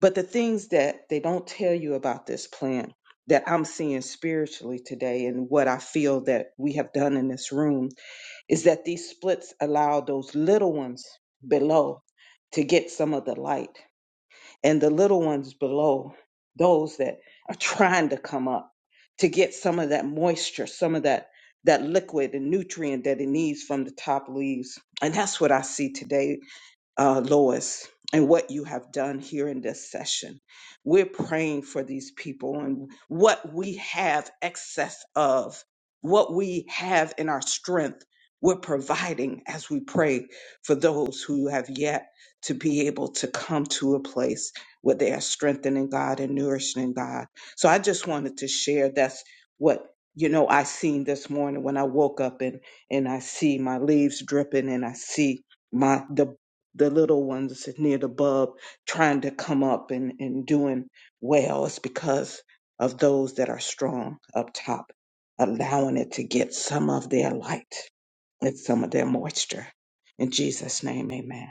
Speaker 3: But the things that they don't tell you about this plant that I'm seeing spiritually today, and what I feel that we have done in this room, is that these splits allow those little ones below to get some of the light and the little ones below, those that are trying to come up to get some of that moisture, some of that that liquid and nutrient that it needs from the top leaves. And that's what I see today uh, Lois, and what you have done here in this session. We're praying for these people and what we have excess of, what we have in our strength, we're providing as we pray for those who have yet to be able to come to a place where they are strengthening God and nourishing God. So I just wanted to share that's what you know I seen this morning when I woke up and and I see my leaves dripping and I see my the the little ones near the bub trying to come up and, and doing well it's because of those that are strong up top, allowing it to get some of their light and some of their moisture. In Jesus' name, amen.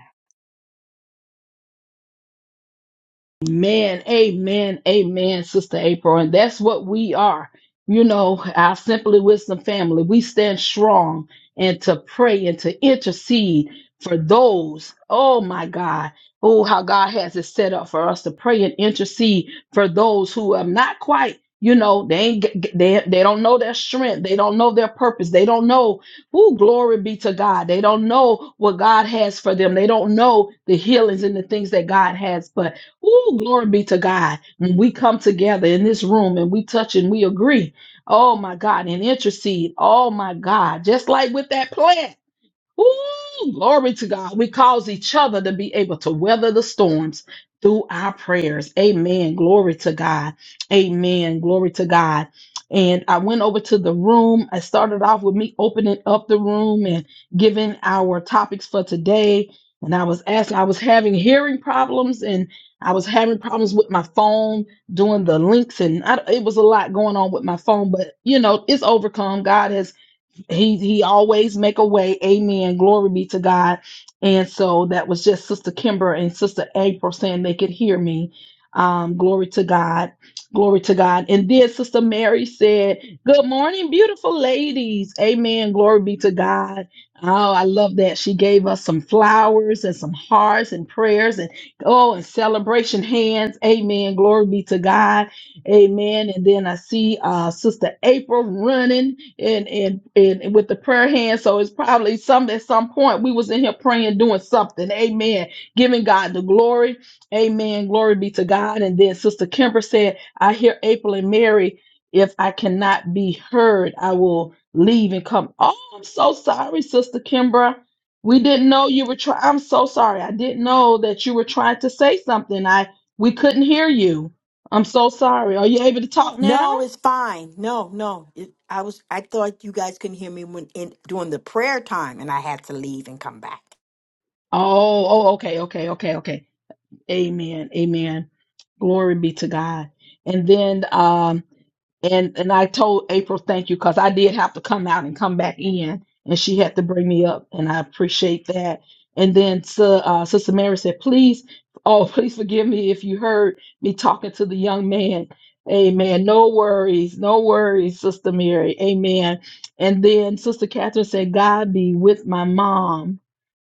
Speaker 1: Amen. amen, amen, Sister April. And that's what we are. You know, our Simply Wisdom family, we stand strong and to pray and to intercede for those, oh my God, oh, how God has it set up for us to pray and intercede for those who are not quite. You know they ain't g- g- they they don't know their strength. They don't know their purpose. They don't know who glory be to God. They don't know what God has for them. They don't know the healings and the things that God has. But Ooh, glory be to God. When we come together in this room and we touch and we agree. Oh my God, and intercede. Oh my God. Just like with that plant. Ooh, glory to God. We cause each other to be able to weather the storms through our prayers. Amen. Glory to God. Amen. Glory to God. And I went over to the room. I started off with me opening up the room and giving our topics for today. And I was asking, I was having hearing problems and I was having problems with my phone doing the links. And I, it was a lot going on with my phone, but you know, it's overcome. God has he he always make a way amen glory be to god and so that was just sister kimber and sister april saying they could hear me um glory to god glory to god and then sister mary said good morning beautiful ladies amen glory be to god oh i love that she gave us some flowers and some hearts and prayers and oh and celebration hands amen glory be to god amen and then i see uh sister april running and and and with the prayer hand so it's probably some at some point we was in here praying doing something amen giving god the glory amen glory be to god and then sister kimber said i hear april and mary if i cannot be heard i will leave and come oh i'm so sorry sister kimber we didn't know you were trying i'm so sorry i didn't know that you were trying to say something i we couldn't hear you i'm so sorry are you able to talk now
Speaker 2: No, it's fine. No, no. It, I was I thought you guys couldn't hear me when in during the prayer time and I had to leave and come back.
Speaker 1: Oh, oh, okay, okay, okay, okay. Amen. Amen. Glory be to God. And then um and and I told April thank you because I did have to come out and come back in and she had to bring me up and I appreciate that. And then so, uh, Sister Mary said, please, oh, please forgive me if you heard me talking to the young man. Amen. No worries. No worries, Sister Mary. Amen. And then Sister Catherine said, God be with my mom.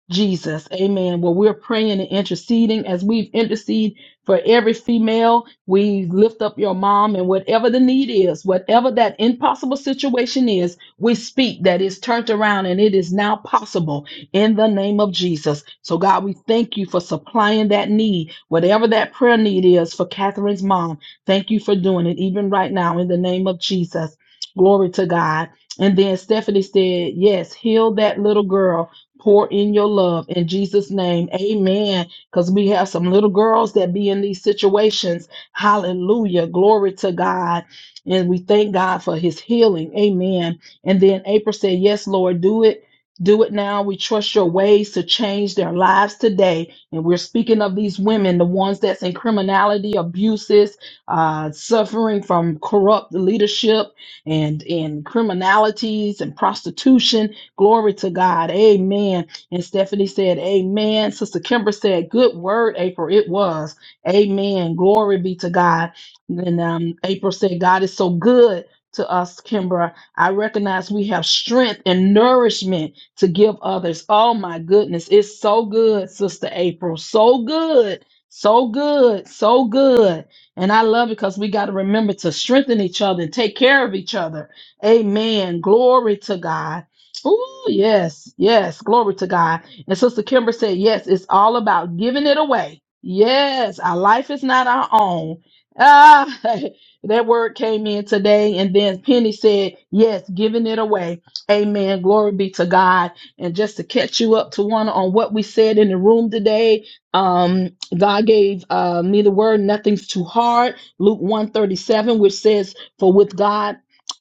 Speaker 1: Jesus. Amen. Well, we're praying and interceding as we've interceded for every female. We lift up your mom and whatever the need is, whatever that impossible situation is, we speak that is turned around and it is now possible in the name of Jesus. So God, we thank you for supplying that need, whatever that prayer need is for Catherine's mom. Thank you for doing it even right now in the name of Jesus. Glory to God. And then Stephanie said, yes, heal that little girl pour in your love in Jesus' name. Amen. Because we have some little girls that be in these situations. Hallelujah. Glory to God. And we thank God for his healing. Amen. And then April said, Yes, Lord, do it. Do it now. We trust your ways to change their lives today. And we're speaking of these women, the ones that's in criminality, abuses, uh, suffering from corrupt leadership and, and criminalities and prostitution Glory to God. Amen. And Stephanie said, Amen. Sister Kimber said, Good word, April. It was. Amen. Glory be to God. And um, April said, God is so good to us, Kimber. I recognize we have strength and nourishment to give others. Oh my goodness. It's so good, Sister April. So good. So good. So good. And I love it because we got to remember to strengthen each other and take care of each other. Amen. Glory to God. Oh, yes, yes. Glory to God. And Sister Kimber said, yes, it's all about giving it away. Yes, our life is not our own. Ah, that word came in today. And then Penny said, yes, giving it away. Amen. Glory be to God. And just to catch you up to one on what we said in the room today, um, God gave uh, me the word, nothing's too hard. Luke 137, which says, for with God,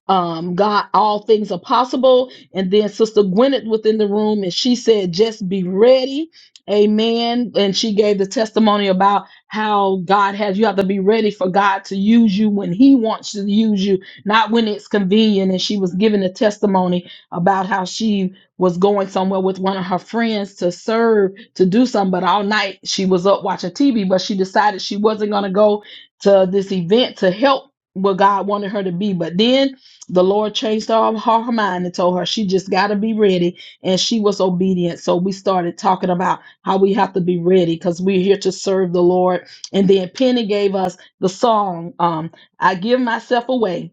Speaker 1: um, God, all things are possible and then Sister Gwyneth was in the room and she said, just be ready. Amen. And she gave the testimony about how God has you have to be ready for God to use you when He wants to use you, not when it's convenient. And she was giving a testimony about how she was going somewhere with one of her friends to serve to do something, but all night she was up watching TV, but she decided she wasn't going to go to this event to help what God wanted her to be. But then the Lord changed her her mind and told her she just got to be ready. And she was obedient. So we started talking about how we have to be ready because we're here to serve the Lord. And then Penny gave us the song, um, I Give Myself Away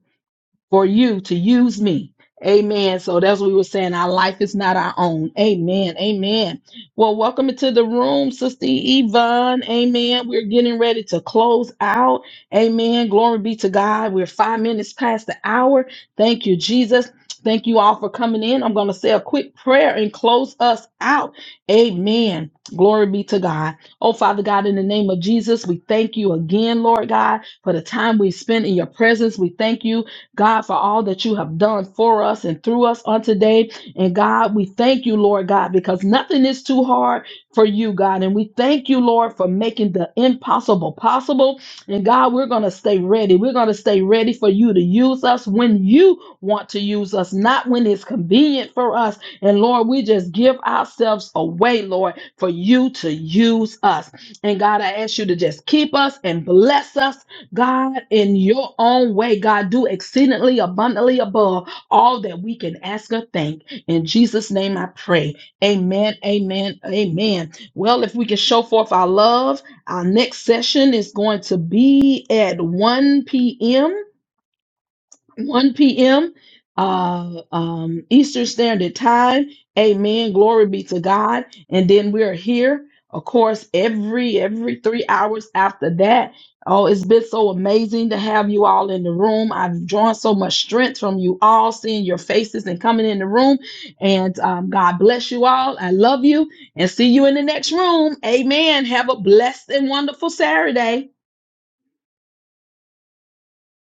Speaker 1: for you to use me. Amen. So that's what we were saying. Our life is not our own. Amen. Amen. Well, welcome into the room, Sister Yvonne. Amen. We're getting ready to close out. Amen. Glory be to God. We're five minutes past the hour. Thank you, Jesus. Thank you all for coming in. I'm going to say a quick prayer and close us out. Amen. Glory be to God. Oh, Father God, in the name of Jesus, we thank you again, Lord God, for the time we spent in your presence. We thank you God, for all that you have done for us and through us on today. And God, we thank you, Lord God, because nothing is too hard for you, God. And we thank you, Lord, for making the impossible possible. And God, we're going to stay ready. We're going to stay ready for you to use us when you want to use us, not when it's convenient for us. And Lord, we just give ourselves away, Lord, for you to use us. And God, I ask you to just keep us and bless us God, in your own way, God, do exceedingly abundantly above all that we can ask or think. In Jesus' name I pray. Amen, amen, amen. Well, if we can show forth our love, our next session is going to be at 1 p.m. 1 p.m. Uh, um, Eastern Standard Time. Amen. Glory be to God. And then we are here, of course, every every three hours after that. Oh, it's been so amazing to have you all in the room. I've drawn so much strength from you all, seeing your faces and coming in the room. And um, God bless you all. I love you and see you in the next room. Amen. Have a blessed and wonderful Saturday.